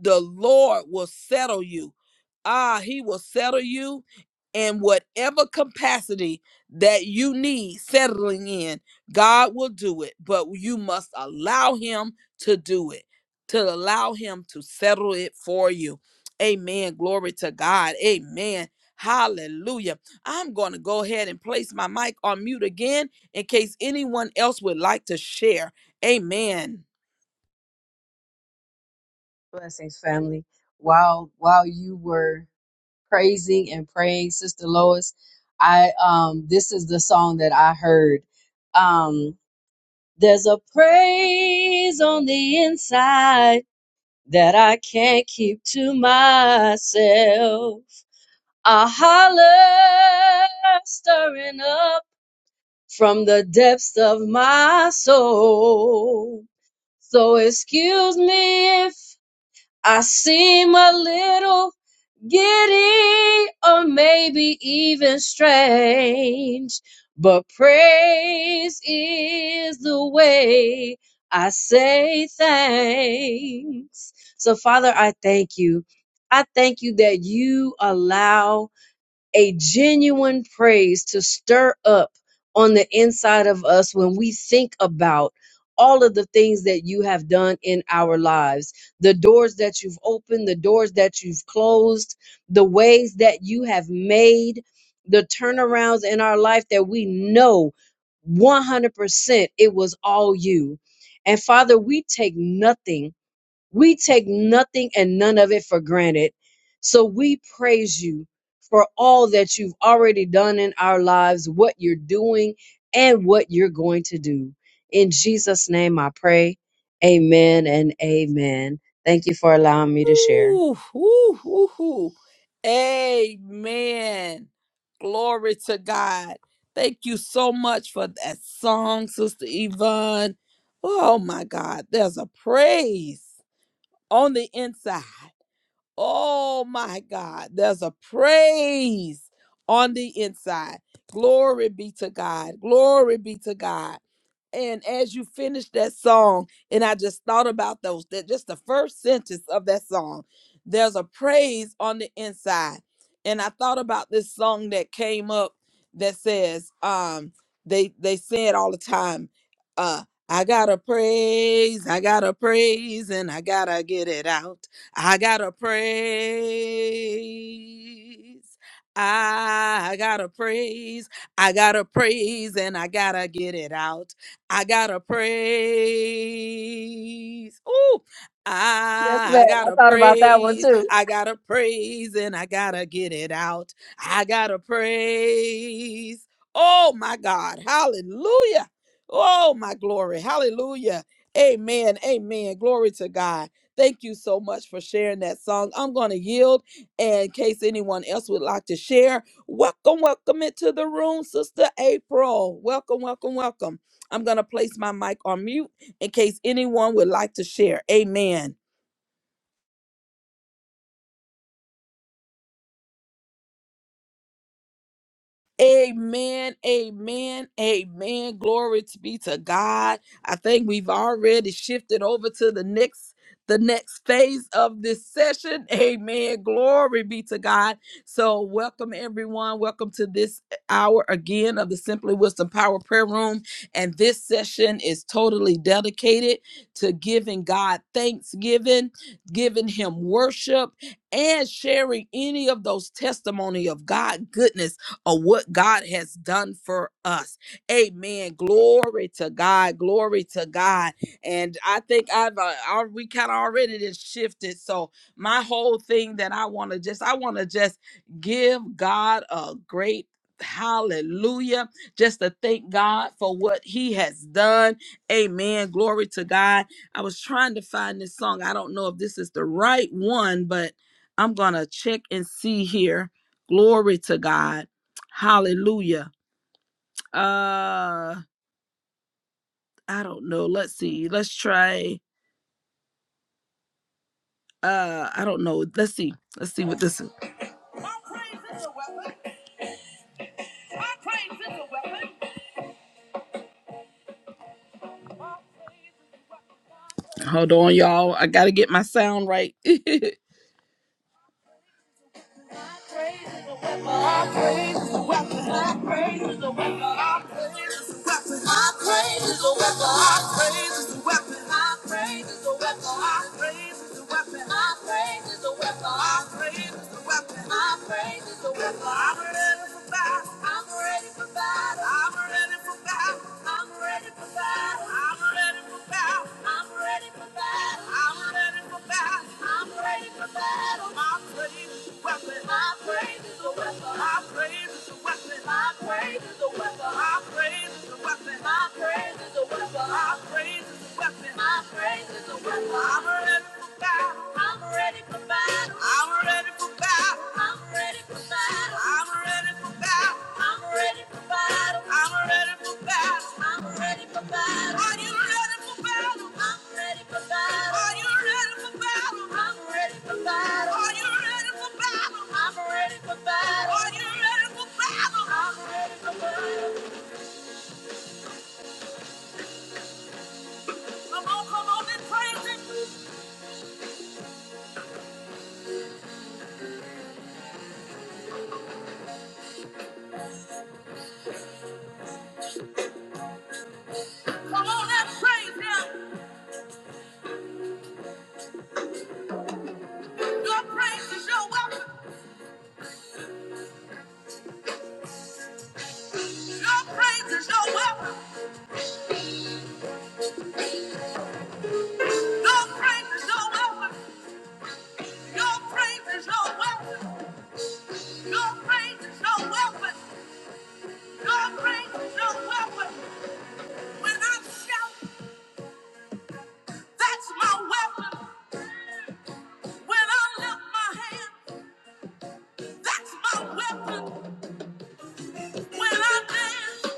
the Lord will settle you. Ah, he will settle you in whatever capacity that you need settling in. God will do it, but you must allow him to do it, to allow him to settle it for you. Amen. Glory to God. Amen. Hallelujah. I'm going to go ahead and place my mic on mute again in case anyone else would like to share. Amen. Blessings, family. While while you were praising and praying, Sister Lois, I um this is the song that I heard. Um, there's a praise on the inside that I can't keep to myself. A holler stirring up from the depths of my soul. So excuse me I seem a little giddy or maybe even strange, but praise is the way I say thanks. So, Father, I thank you. I thank you that you allow a genuine praise to stir up on the inside of us when we think about all of the things that you have done in our lives, the doors that you've opened, the doors that you've closed, the ways that you have made, the turnarounds in our life that we know 100% it was all you. And Father, we take nothing we take nothing and none of it for granted. So we praise you for all that you've already done in our lives, what you're doing, and what you're going to do. In Jesus' name I pray. Amen and amen. Thank you for allowing me to share. Ooh, ooh, ooh, ooh. Amen. Glory to God. Thank you so much for that song, Sister Yvonne. Oh my God, there's a praise on the inside. Oh my God, there's a praise on the inside. Glory be to God. Glory be to God. And as you finished that song, and I just thought about those, that just the first sentence of that song, there's a praise on the inside. And I thought about this song that came up that says, um, they they say it all the time, uh, I gotta praise, I gotta praise, and I gotta get it out. I gotta praise, I gotta praise, I gotta praise, and I gotta get it out. I gotta praise. Ooh, Yes, I ma'am. I gotta thought about that one praise. too. I gotta praise and I gotta get it out. I gotta praise. Oh my God. Hallelujah. Oh my glory. Hallelujah. Amen. Amen. Glory to God. Thank you so much for sharing that song. I'm going to yield in case anyone else would like to share. Welcome, welcome into the room, Sister April. Welcome, welcome, welcome. I'm going to place my mic on mute in case anyone would like to share. Amen. Amen, amen, amen. Glory to be to God. I think we've already shifted over to the next the next phase of this session. *laughs* Amen. Glory be to God. So, welcome everyone. Welcome to this hour again of the Simply Wisdom Power Prayer Room. And this session is totally dedicated to giving God thanksgiving, giving him worship, and sharing any of those testimony of God goodness of what God has done for us. Amen. Glory to God. Glory to God. And I think I've uh, I, we kind of already just shifted. So my whole thing that I want to just I want to just give God a great Hallelujah. Just to thank God for what He has done. Amen. Glory to God. I was trying to find this song. I don't know if this is the right one, but I'm going to check and see here. Glory to God. Hallelujah. Uh I don't know. Let's see. Let's try uh I don't know. Let's see. Let's see what this is. My praise is a weapon. My praise is a weapon. My praise is a weapon. Hold on, y'all. I gotta get my sound right. *laughs* Praise Our praise is a weapon. Our praise is a weapon. Our praise is a weapon. Our praise is a weapon. Our praise is a weapon. Our praise is a weapon. Our praise is a weapon. Our praise is a weapon. Our praise is a weapon. Our praise is a weapon. I'm ready for battle. I'm ready for battle. I'm ready for battle. I'm ready for battle. I'm ready for battle. I'm ready for battle. I'm ready for battle. I'm ready for battle. My praise is a weapon. I've been- My praise is a weapon. I've been- My praise is a weapon. I've been- My praise is a weapon. I'm, I'm ready for battle. I, I'm ready for battle. I'm ready for battle. I'm ready for battle. I'm ready for battle. I'm ready for battle. Are you ready for battle? I'm ready for battle. Are you ready for battle? I'm ready for battle. Are you ready for battle? I'm ready for battle. Are you ready for battle? I'm ready for battle. Come on, come on and praise him. Come on and praise him. Your praise is your weapon. Your praise is your weapon. Your praise is your weapon. Your praise is your weapon. Your praise is your weapon. Your praise is your weapon. When I shout, that's my weapon. When I lift my hand, that's my weapon. When I dance,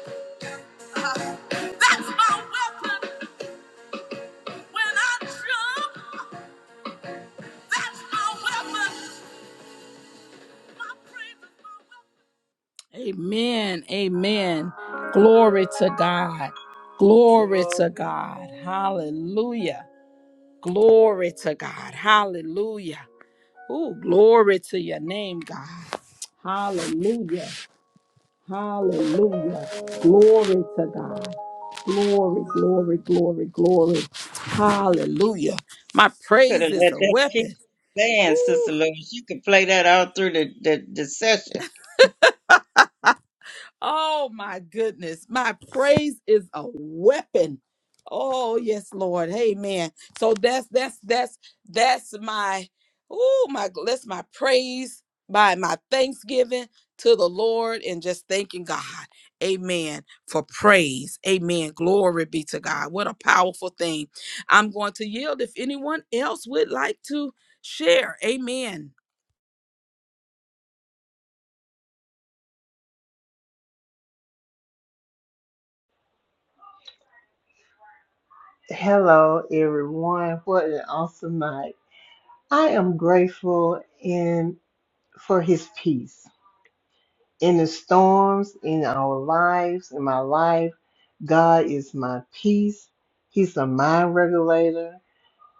uh, that's my weapon. When I jump. That's my weapon. My praise is my weapon. Amen. Amen. Glory to God. Glory to God. Hallelujah. Glory to God. Hallelujah. Oh, glory to your name, God. Hallelujah. Hallelujah. Glory to God. Glory, glory, glory, glory. You, Hallelujah. My you could praise have is let a that keep weapon. playing, Sister Woo. Lewis. You could play that all through the, the, the session. Oh my goodness. My praise is a weapon. Oh yes, Lord. Amen. So that's that's that's that's my oh my that's my praise by my thanksgiving to the Lord and just thanking God. Amen. For praise. Amen. Glory be to God. What a powerful thing. I'm going to yield if anyone else would like to share. Amen. Hello everyone. What an awesome night. I am grateful in for his peace. In the storms, in our lives, in my life, God is my peace. He's a mind regulator.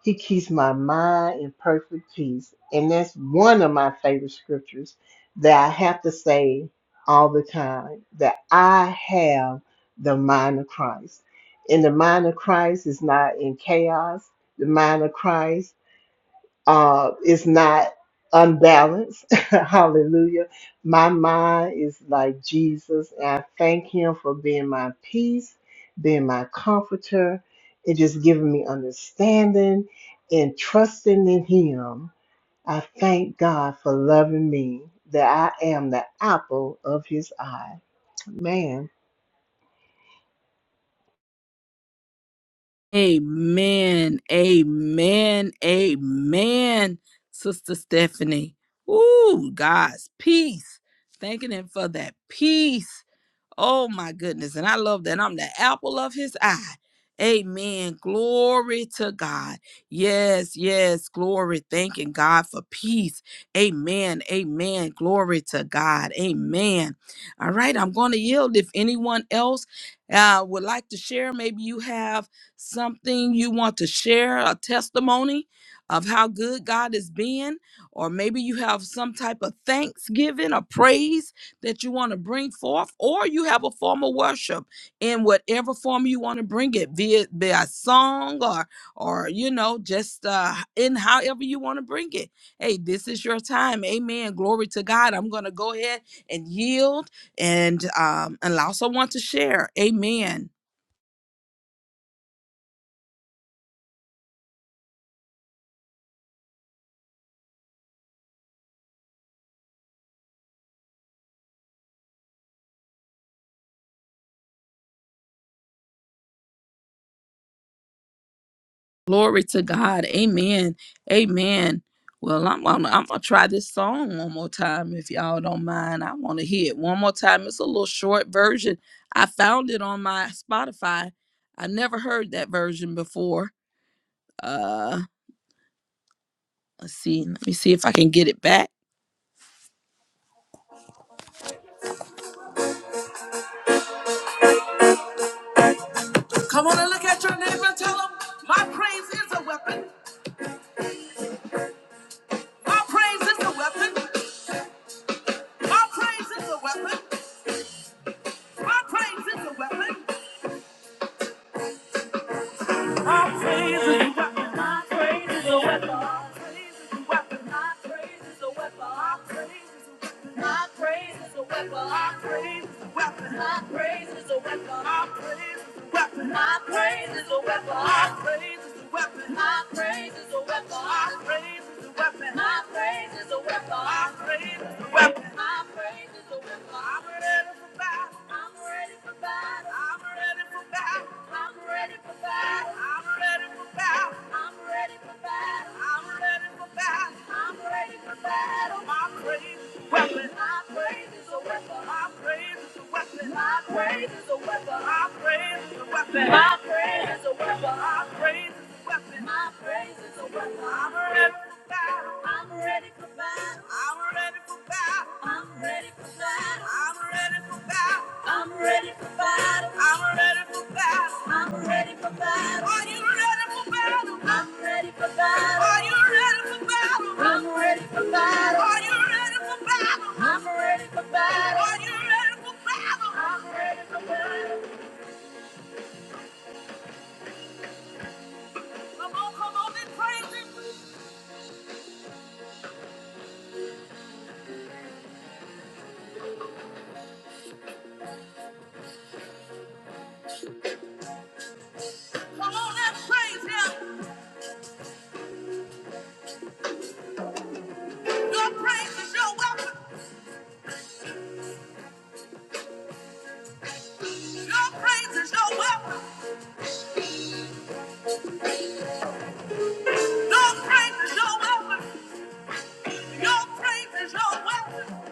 He keeps my mind in perfect peace. And that's one of my favorite scriptures that I have to say all the time that I have the mind of Christ. And the mind of Christ is not in chaos. The mind of Christ uh, it's not unbalanced. *laughs* Hallelujah. My mind is like Jesus, and I thank Him for being my peace, being my comforter, and just giving me understanding and trusting in Him. I thank God for loving me, that I am the apple of His eye. Man, Amen. Amen. Amen. Sister Stephanie. Ooh, God's peace. Thanking him for that peace Oh my goodness. And I love that. I'm the apple of his eye. Amen. Glory to God. Yes, yes. Glory. Thanking God for peace. Amen. Amen. Glory to God. Amen. All right. I'm going to yield if anyone else uh, would like to share. Maybe you have something you want to share, a testimony of how good God has been, or maybe you have some type of thanksgiving or praise that you want to bring forth, or you have a form of worship in whatever form you want to bring it, be it be a song or or you know, just uh in however you want to bring it. Hey, this is your time. Amen. Glory to God. I'm gonna go ahead and yield and um allow someone to share. Amen. Glory to God. Amen. Amen. Well, I'm, I'm, I'm going to try this song one more time if y'all don't mind. I want to hear it one more time. It's a little short version. I found it on my Spotify. I never heard that version before. Uh, let's see. Let me see if I can get it back. Come on and look at your neighbor and tell them, my praise is a weapon. My praise is a weapon. My praise is a weapon. My praise is a weapon. Our praise is a weapon. Our praise is a weapon. Our praise is a weapon. Our praise is a weapon. Our praise is a weapon. Our praise is a weapon. Our praise is a weapon. Our praise is a weapon. Our praise is a weapon. Our praise is a weapon. Our praise is a weapon. I'm ready for battle. I'm ready for battle. I'm ready for battle. I'm ready for battle. My My My praise praise praise is is is a a a weapon. weapon. weapon. I'm I'm I'm I'm ready for battle. I'm ready for battle. I'm ready I'm ready for for for for battle. battle. battle. battle. I'm ready for battle. Are you ready for battle? Are you ready for battle? I'm ready. Are you ready for battle? I'm ready. Are you ready for battle? I'm ready. Come on, come on and praise him. Come on and praise him. Your praise is your weapon. Your praise is your weapon. Your praise is your weapon. Your praise is your weapon.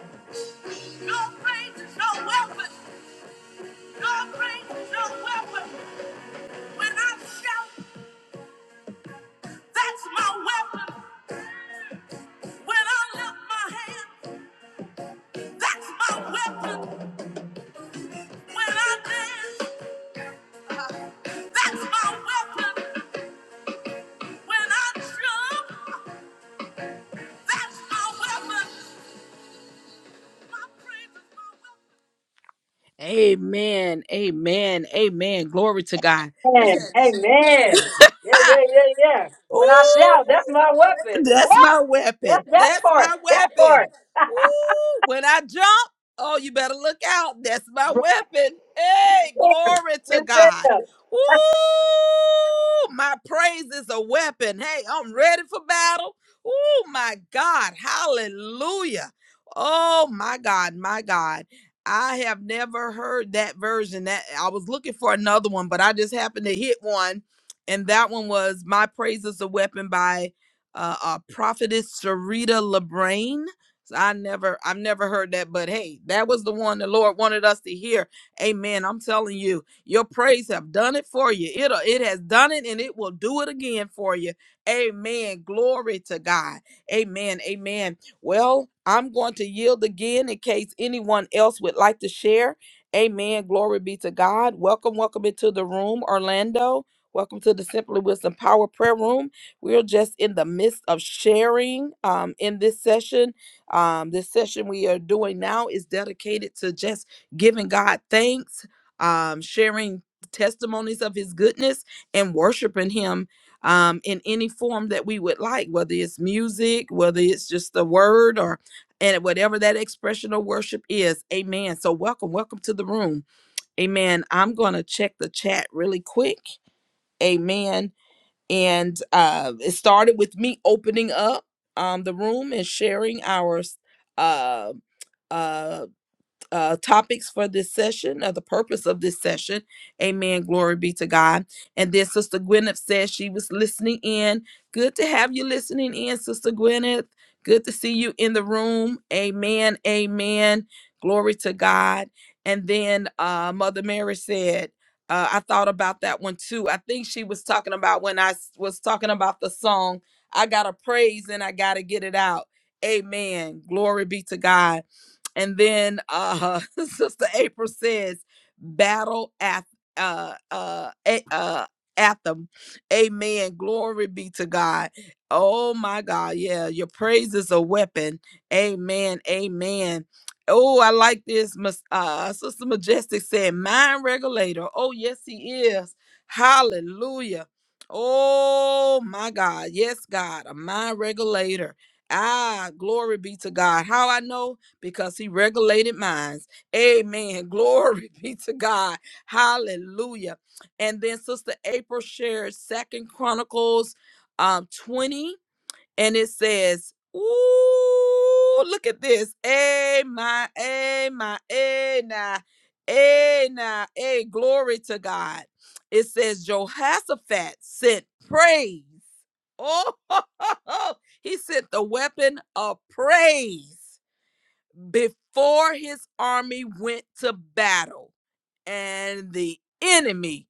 Your praise is your weapon. Your praise is your weapon. When I shout, that's my weapon. When I lift my hand. That's my weapon when I dance. That's my weapon when I jump. That's my weapon. My praise is my weapon. Amen. Amen. Amen. Glory to God. This is- Yeah, *laughs* Ooh, that's my never. weapon. That's my weapon. Ooh, when I jump, oh, you better look out. That's my weapon. Hey, glory to Yes, God. ma'am. Ooh, my praise is a weapon. Hey, I'm ready for battle. Ooh, my God. Hallelujah. Oh, my God. My God. I have never heard that version. That I was looking for another one, but I just happened to hit one, and that one was "My Praise Is a Weapon" by uh, uh prophetess Sarita Labraine. So I never, I've never heard that, but hey, that was the one the Lord wanted us to hear. Amen. I'm telling you, your praise have done it for you. It'll, it has done it, and it will do it again for you. Amen. Glory to God. Amen. Amen. Well, I'm going to yield again in case anyone else would like to share. Amen. Glory be to God. Welcome, welcome into the room, Orlando. Welcome to the Simply Wisdom Power Prayer Room. We're just in the midst of sharing um, in this session. Um, this session we are doing now is dedicated to just giving God thanks, um, sharing testimonies of his goodness, and worshiping him um, in any form that we would like, whether it's music, whether it's just the word, or and whatever that expression of worship is. Amen. So welcome, welcome to the room. Amen. I'm gonna check the chat really quick. Amen. And uh, it started with me opening up um, the room and sharing our uh, uh, uh, topics for this session or the purpose of this session. Amen. Glory be to God. And then Sister Gwyneth said she was listening in. Good to have you listening in, Sister Gwyneth. Good to see you in the room. Amen. Amen. Glory to God. And then uh, Mother Mary said, uh, I thought about that one too. I think she was talking about when I s- was talking about the song, I got to praise and I got to get it out. Amen. Glory be to God. And then uh, *laughs* Sister April says, "Battle ath- uh, uh, a- uh, anthem." Amen. Glory be to God. Oh my God, yeah, your praise is a weapon. Amen. Amen. Oh, I like this. Mas- Uh, Sister Majestic said, "Mind regulator." Oh, yes, he is. Hallelujah. Oh my God. Yes, God, a mind regulator. Ah, glory be to God. How I know? because he regulated minds. Amen. *laughs* Glory be to God. Hallelujah. And then Sister April shared Second Chronicles um 20, and it says, Ooh, look at this. A my a my a na a na a glory to God. It says Jehoshaphat sent praise. Oh, *laughs* he sent the weapon of praise before his army went to battle and the enemy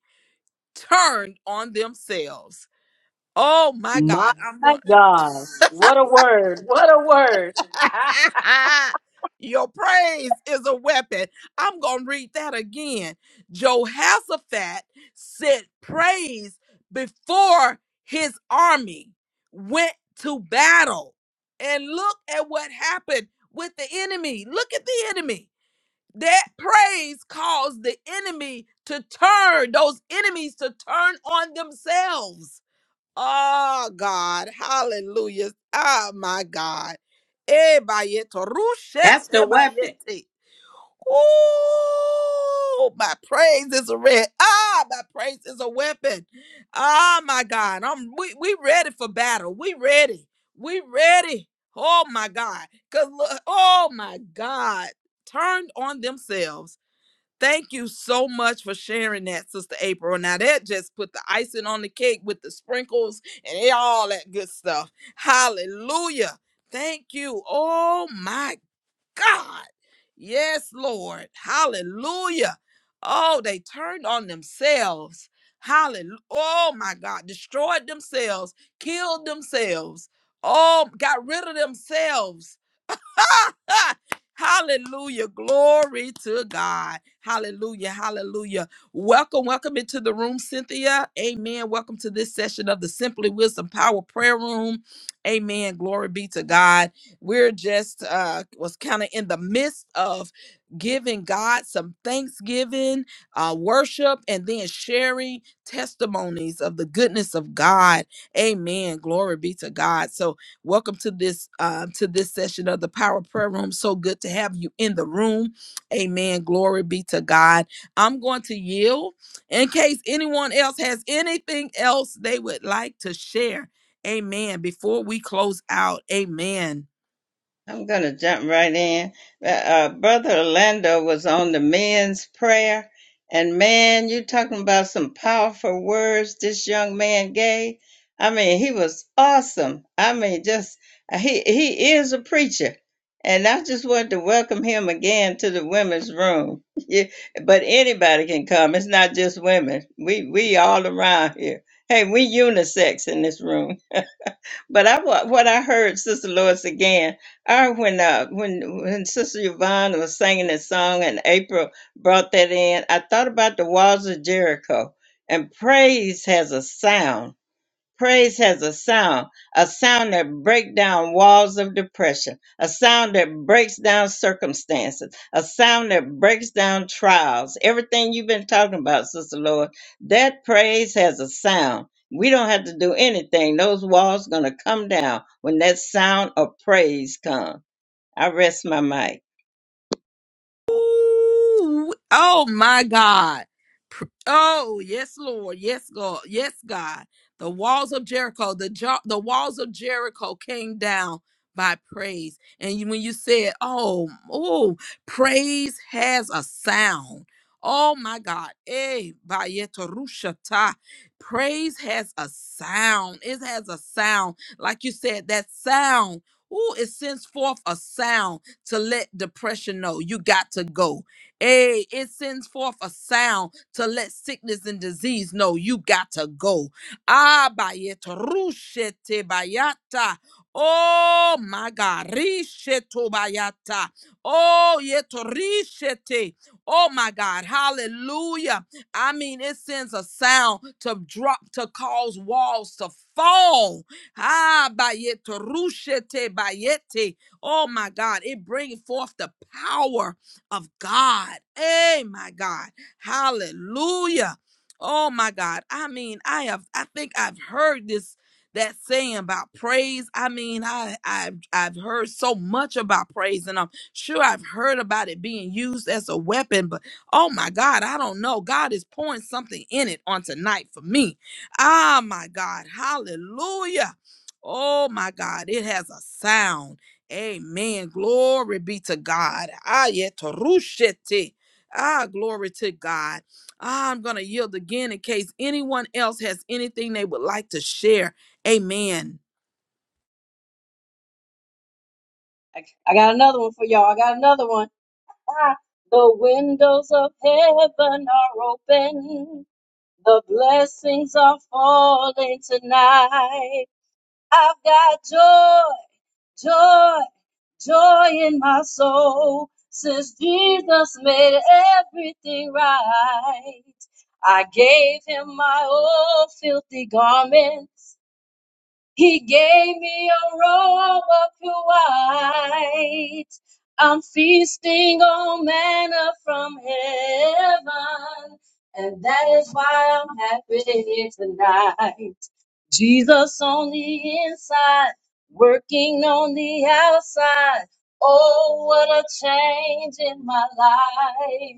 turned on themselves. Oh my My God, I'm going God. Word, word. to. *laughs* Your praise is a weapon. I'm going to read that again. Jehoshaphat said praise before his army went to battle. And look at what happened with the enemy. Look at the enemy. That praise caused the enemy to turn, those enemies to turn on themselves. Oh God, hallelujah. Oh my God. Eh, bayete, That's the rushete, weapon. bayete. Oh, my praise is a red. Ah, my praise is a weapon. Ah, my God. I'm we, we ready for battle. We ready. We ready. Oh my God. Cause oh my God. Turned on themselves. Thank you so much for sharing that, Sister April. Now that just put the icing on the cake with the sprinkles and all that good stuff. Hallelujah. Thank you. Oh my God. Yes, Lord. Hallelujah. Oh, they turned on themselves. Hallelujah. Oh my God. Destroyed themselves, killed themselves. Oh, got rid of themselves *laughs* Hallelujah. Glory to God. Hallelujah. Hallelujah. Welcome. Welcome into the room, Cynthia. Amen. Welcome to this session of the Simply Wisdom Power Prayer Room. Amen. Glory be to God. We're just uh was kind of in the midst of giving God some thanksgiving, uh worship and then sharing testimonies of the goodness of God. Amen. Glory be to God. So Welcome to this uh, to this session of the Power Prayer Room. So good to have you in the room. Amen. Glory be to God. I'm going to yield in case anyone else has anything else they would like to share. Amen. Before we close out, Amen. I'm going to jump right in. Uh, uh, Brother Orlando was on the men's prayer. And man, you talking about some powerful words this young man gave. I mean, he was awesome. I mean, just he he is a preacher. And I just wanted to welcome him again to the women's room. *laughs* Yeah, but anybody can come. It's not just women. We we all around here. Hey, we unisex in this room. But I wa- what I heard Sister Lois again. I when uh, when when Sister Yvonne was singing that song and April brought that in. I thought about the walls of Jericho and praise has a sound Praise has a sound, a sound that breaks down walls of depression, a sound that breaks down circumstances, a sound that breaks down trials. Everything you've been talking about, Sister Lord, that praise has a sound. We don't have to do anything. Those walls gonna come down when that sound of praise comes. I rest my mic. Ooh, oh my God. Oh, yes, Lord. Yes, God. Yes, God. The walls of Jericho, the jo- the walls of Jericho came down by praise. And you- when you said, "Oh, oh, praise has a sound." Oh my God. Eh, bayeturushata. Praise has a sound. It has a sound. Like you said, that sound Ooh, it sends forth a sound to let depression know you got to go. Hey, it sends forth a sound to let sickness and disease know you got to go. Ah, bayeta, rushete bayata. Oh my God. Risheto bayata. Oh, yeto rishete. Oh my God. Hallelujah. I mean, it sends a sound to drop, to cause walls to fall. Ah, bayeta, rushete bayete. Oh my God. It brings forth the power of God. Hey, my God. Hallelujah. Oh my God. I mean, I have I think I've heard this that saying about praise. I mean, I I've I've heard so much about praise and I'm sure I've heard about it being used as a weapon, but oh my God, I don't know. God is pouring something in it on tonight for me. Ah my God. Hallelujah. Oh my God, it has a sound. Amen. Glory be to God. Ayetorushete. Ah, glory to God. Ah, I'm going to yield again in case anyone else has anything they would like to share. Amen. I I got another one for y'all. I got another one. The windows of heaven are open. The blessings are falling tonight. I've got joy, joy, joy in my soul. Since Jesus made everything right, I gave him my old filthy garments. He gave me a robe of pure white. I'm feasting on manna from heaven. And that is why I'm happy tonight. Jesus on the inside, working on the outside. Oh, what a change in my life.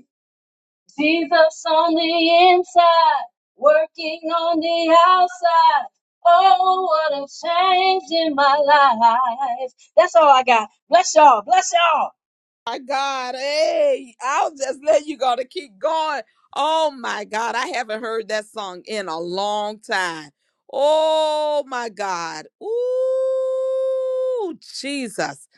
Jesus on the inside, working on the outside. Oh, what a change in my life. That's all I got. Bless y'all. Bless y'all. My God. Hey, I'll just let you go to keep going. Oh, my God. I haven't heard that song in a long time. Oh, my God. Ooh, Jesus.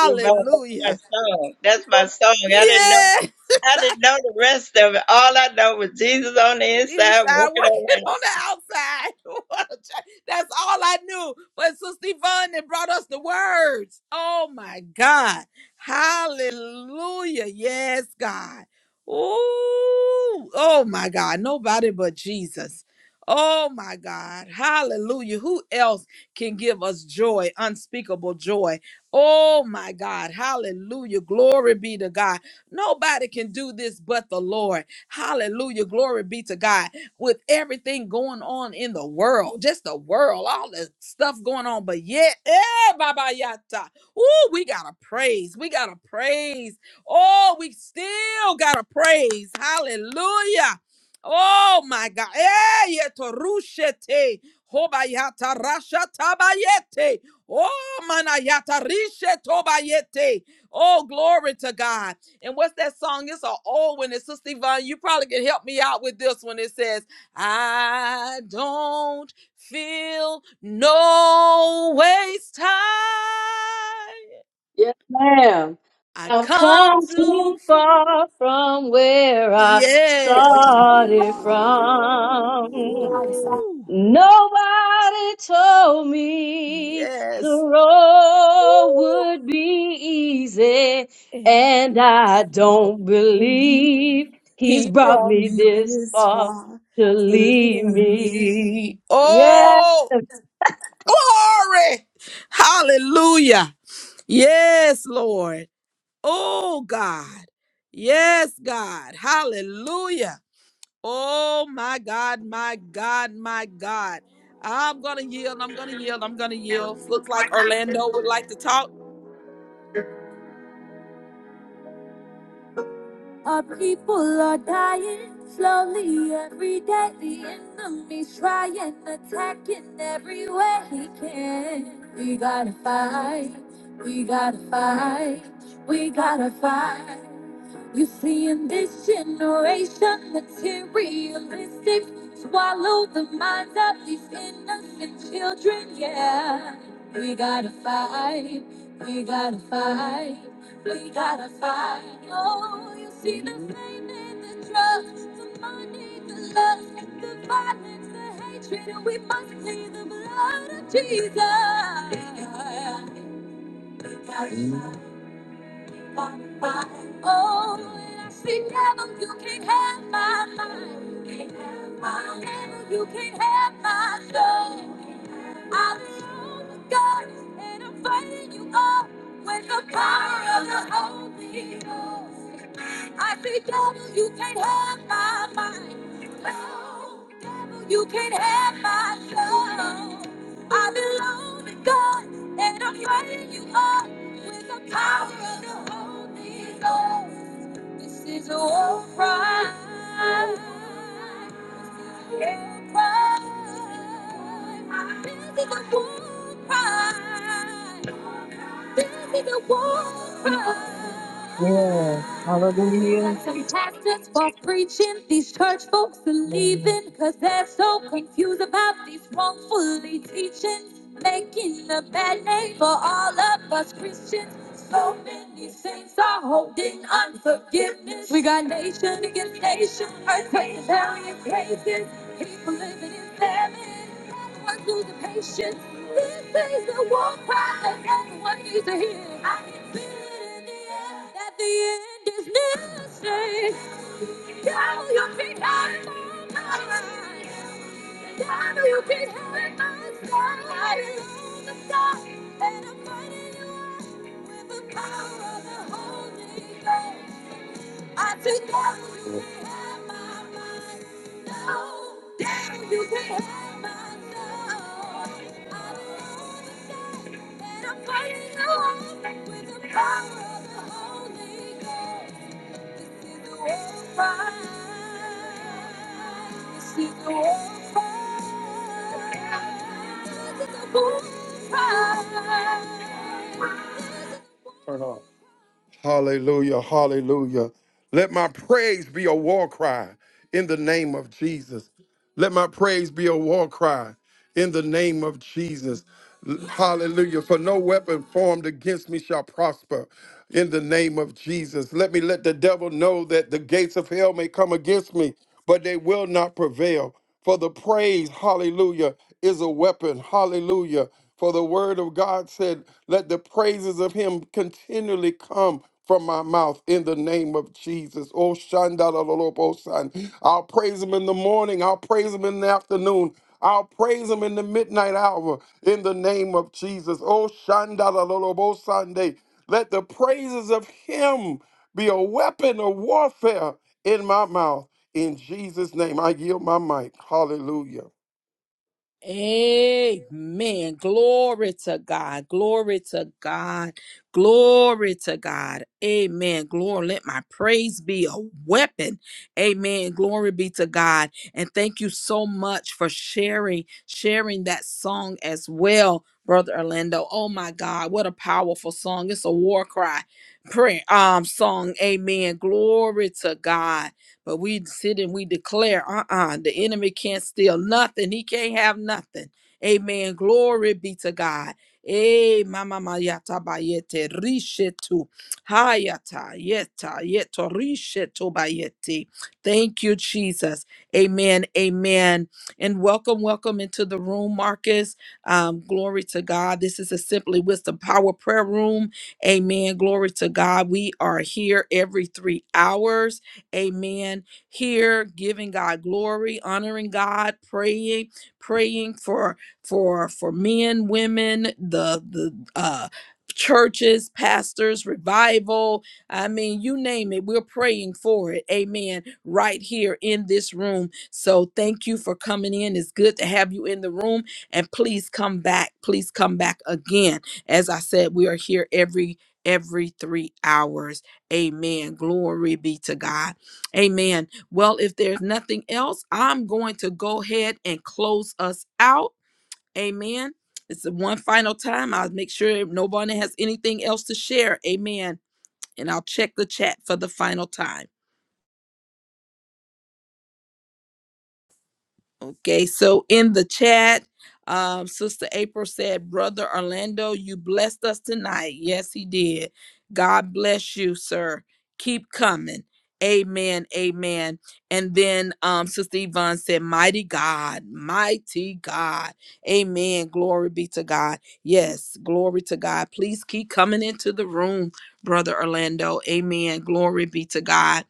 Yvonne, That's my song. That's my song. I didn't know. Yes. I *laughs* didn't know the rest of it. All I know was Jesus on the inside, inside *laughs* working working on the on outside. the outside. *laughs* What a ch- That's all I knew. But Sister Yvonne that brought us the words. Oh my God. Hallelujah. Yes, God. Ooh. Oh my God. Nobody but Jesus. Oh my God. Hallelujah. Who else can give us joy, unspeakable joy? Oh my God. Hallelujah. Glory be to God. Nobody can do this but the Lord. Hallelujah. Glory be to God. With everything going on in the world, just the world, all the stuff going on. But yet, eh, Baba Yata. Ooh, we gotta praise. We gotta praise. Oh, we still gotta praise. Hallelujah. Oh my God. Eh, yeto rushete. Hobayata rasha tabayete. Oh manayata rishe tobayete. Oh, glory to God. And what's that song? It's an old one. It's Sister Yvonne. You probably can help me out with this one. It says, I don't feel no waste time. Yes, ma'am. I I've come come to. too f- far from where I Yes. started from. Woo. Nobody told me the Yes. road Woo. would be easy, And and I don't believe believe he's he brought brought me me this this far far to to leave leave me. me. Yeah. Oh, glory. Hallelujah. Yes, Lord. Oh, God. Yes, God. Hallelujah. Oh, my God, my God, my God. I'm going to yield. I'm going to yield. I'm going to yield. Looks like Orlando would like to talk. Our people are dying slowly every day. The enemy's trying, attacking every way he can. We gotta fight, we gotta fight, we gotta fight. You see, in this generation, materialistic swallow the minds of these innocent children. Yeah, we gotta fight, we gotta fight, we gotta fight. Oh, you see the fame and the drugs, the money, the lust, the violence, the hatred, and we must see the blood of Jesus. Yeah, yeah, yeah. We gotta fight. Oh, when I speak heaven, you can't have my mind. You can't have my you can't have my soul. I'm strong with God, and I'm fighting you all with the power of the Holy Ghost. I say, devil, you can't have my mind. No, devil, you can't have my soul. I belong to God, and I'm fighting you all with the power of the Holy Ghost. This is a war cry. This is a war cry. Yeah. Hallelujah. Some pastors for preaching, these church folks are Amen. leaving, cause they're so confused about these wrongfully teachings, making a bad name for all of us Christians. So many saints are holding unforgiveness. We got nation against nation, earthquakes, hell, and places, people living in famine. Everyone the patience. This is the war cry that everyone needs to hear. I can feel it in the air that the end is near. Say, now you can have my mind. Now you can have my soul. I am the star and I'm fighting you out with the power of the Holy Ghost. I think I would have my mind. No, damn, you can have my soul. I don't know the day that I'm fighting alone with the power of the Holy Ghost. This is the war cry. This is the war cry. This is the war cry. This is the war cry. Hallelujah, hallelujah. Let my praise be a war cry in the name of Jesus. Let my praise be a war cry in the name of Jesus. Hallelujah. For no weapon formed against me shall prosper in the name of Jesus. Let me let the devil know that the gates of hell may come against me, but they will not prevail. For the praise, hallelujah, is a weapon, hallelujah. For the word of God said, Let the praises of him continually come from my mouth in the name of Jesus. Oh, Shandalolobosan. I'll praise him in the morning, I'll praise him in the afternoon. I'll praise him in the midnight hour in the name of Jesus. Oh, Shandalolobosan. Let the praises of him be a weapon of warfare in my mouth. In Jesus' name, I yield my mic. Hallelujah. Amen. Glory to God. Glory to God. Glory to God. Amen. Glory. Let my praise be a weapon. Amen. Glory be to God. And thank you so much for sharing, sharing that song as well, Brother Orlando. Oh my God. What a powerful song. It's a war cry prayer um song. Amen. Glory to God. But we sit and we declare, uh-uh, the enemy can't steal nothing. He can't have nothing. Amen. Glory be to God. Eh, mama ma yata ba yete rishetu. Hayata yeta yeto rishetu ba yete. Thank you, Jesus. Amen. Amen. And welcome, welcome into the room, Marcus. Um, glory to God. This is a Simply Wisdom Power Prayer Room. Amen. Glory to God. We are here every three hours. Amen. Here, giving God glory, honoring God, praying, praying for for for men, women, the the uh churches, pastors, revival. I mean, you name it, we're praying for it. Amen. Right here in this room. So thank you for coming in. It's good to have you in the room. And please come back. Please come back again. As I said, we are here every every three hours. Amen. Glory be to God. Amen. Well, if there's nothing else, I'm going to go ahead and close us out. Amen. It's one final time. I'll make sure nobody has anything else to share. Amen. And I'll check the chat for the final time. Okay, so in the chat, um, Sister April said, Brother Orlando, you blessed us tonight. Yes, he did. God bless you, sir. Keep coming. Amen. Amen. And then um, Sister Yvonne said, Mighty God, mighty God. Amen. Glory be to God. Yes, glory to God. Please keep coming into the room, Brother Orlando. Amen. Glory be to God.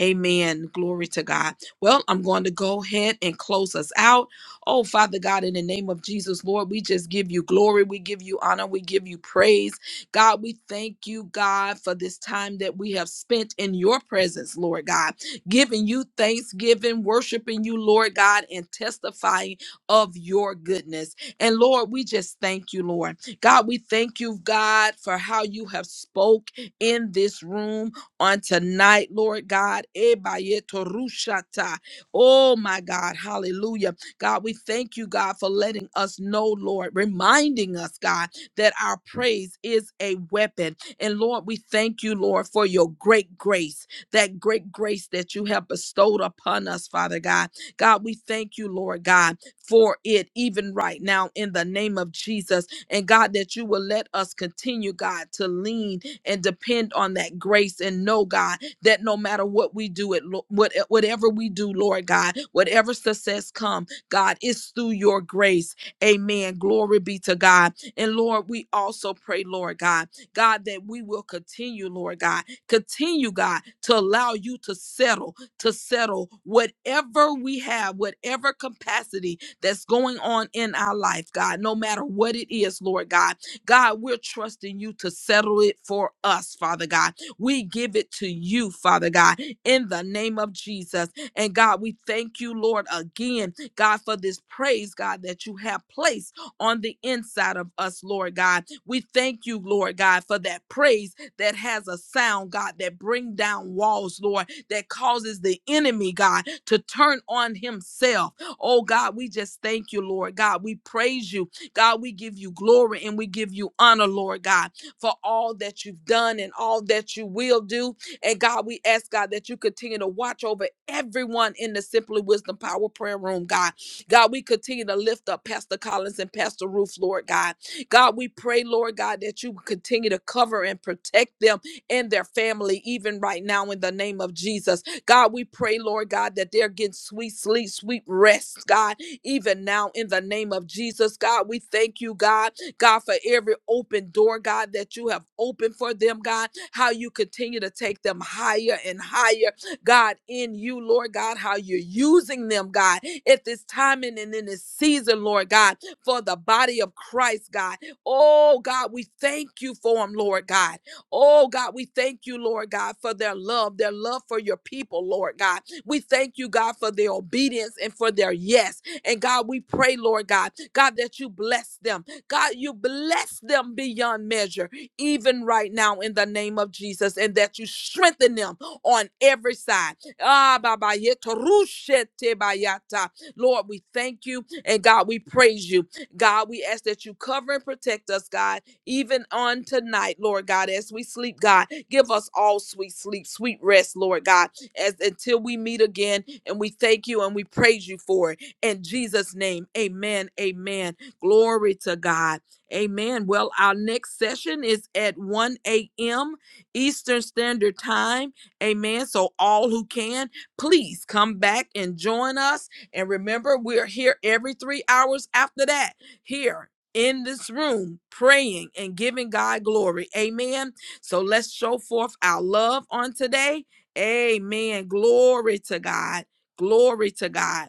Amen. Glory to God. Well, I'm going to go ahead and close us out. Oh, Father God, in the name of Jesus, Lord, we just give you glory. We give you honor. We give you praise. God, we thank you, God, for this time that we have spent in your presence, Lord God, giving you thanksgiving, worshiping you, Lord God, and testifying of your goodness. And Lord, we just thank you, Lord. God, we thank you, God, for how you have spoke in this room on tonight, Lord God. Ebayetorushata. Oh, my God. Hallelujah. God, we thank you, God, for letting us know, Lord, reminding us, God, that our praise is a weapon. And Lord, we thank you, Lord, for your great grace, that great grace that you have bestowed upon us, Father God. God, we thank you, Lord God, for it even right now in the name of Jesus. And God, that you will let us continue, God, to lean and depend on that grace and know, God, that no matter what we do, it lo- what, eh, whatever we do, Lord God, whatever success come, God, it's through your grace. Amen. Glory be to God. And Lord, we also pray, Lord God, God, that we will continue, Lord God, continue, God, to allow you to settle, to settle whatever we have, whatever capacity that's going on in our life, God, no matter what it is, Lord God. God, we're trusting you to settle it for us, Father God. We give it to you, Father God, in the name of Jesus. And God, we thank you, Lord, again, God, for this praise, God, that you have placed on the inside of us, Lord God. We thank you, Lord God, for that praise that has a sound, God, that bring down walls, Lord, that causes the enemy, God, to turn on himself. Oh God, we just thank you, Lord God. We praise you God, we give you glory and we give you honor, Lord God, for all that you've done and all that you will do. And God, we ask, God, that you continue to watch over everyone in the Simply Wisdom Power Prayer Room, God. God, we continue to lift up Pastor Collins and Pastor Ruth, Lord God. God, we pray, Lord God, that you continue to cover and protect them and their family, even right now, in the name of Jesus. God, we pray, Lord God, that they're getting sweet sleep, sweet rest, God even now in the name of Jesus, God. We thank you, God, God, for every open door, God, that you have opened for them, God, how you continue to take them higher and higher, God, in you, Lord God, how you're using them, God, at this time and in this season, Lord God, for the body of Christ, God. Oh, God, we thank you for them, Lord God. Oh, God, we thank you, Lord God, for their love, their love for your people, Lord God. We thank you, God, for their obedience and for their yes. And God, we pray, Lord God, God, that you bless them. God, you bless them beyond measure, even right now in the name of Jesus, and that you strengthen them on every side. Ah, Baba, yeto rushete bayata. Lord, we thank you and God, we praise you. God, we ask that you cover and protect us, God, even on tonight, Lord God, as we sleep, God. Give us all sweet sleep, sweet rest, Lord God, as until we meet again. And we thank you and we praise you for it. In Jesus' name, amen. Amen. Glory to God. Amen. Well, our next session is at 1 a.m. Eastern Standard Time. Amen. So, all who can, please come back and join us. And remember, we're here every three hours after that, here in this room, praying and giving God glory. Amen. So, let's show forth our love on today. Amen. Glory to God. Glory to God.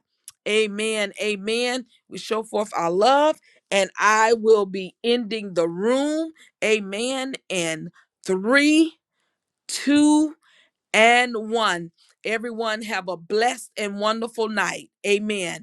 Amen. Amen. We show forth our love, and I will be ending the room. Amen. And three, two, and one. Everyone have a blessed and wonderful night. Amen.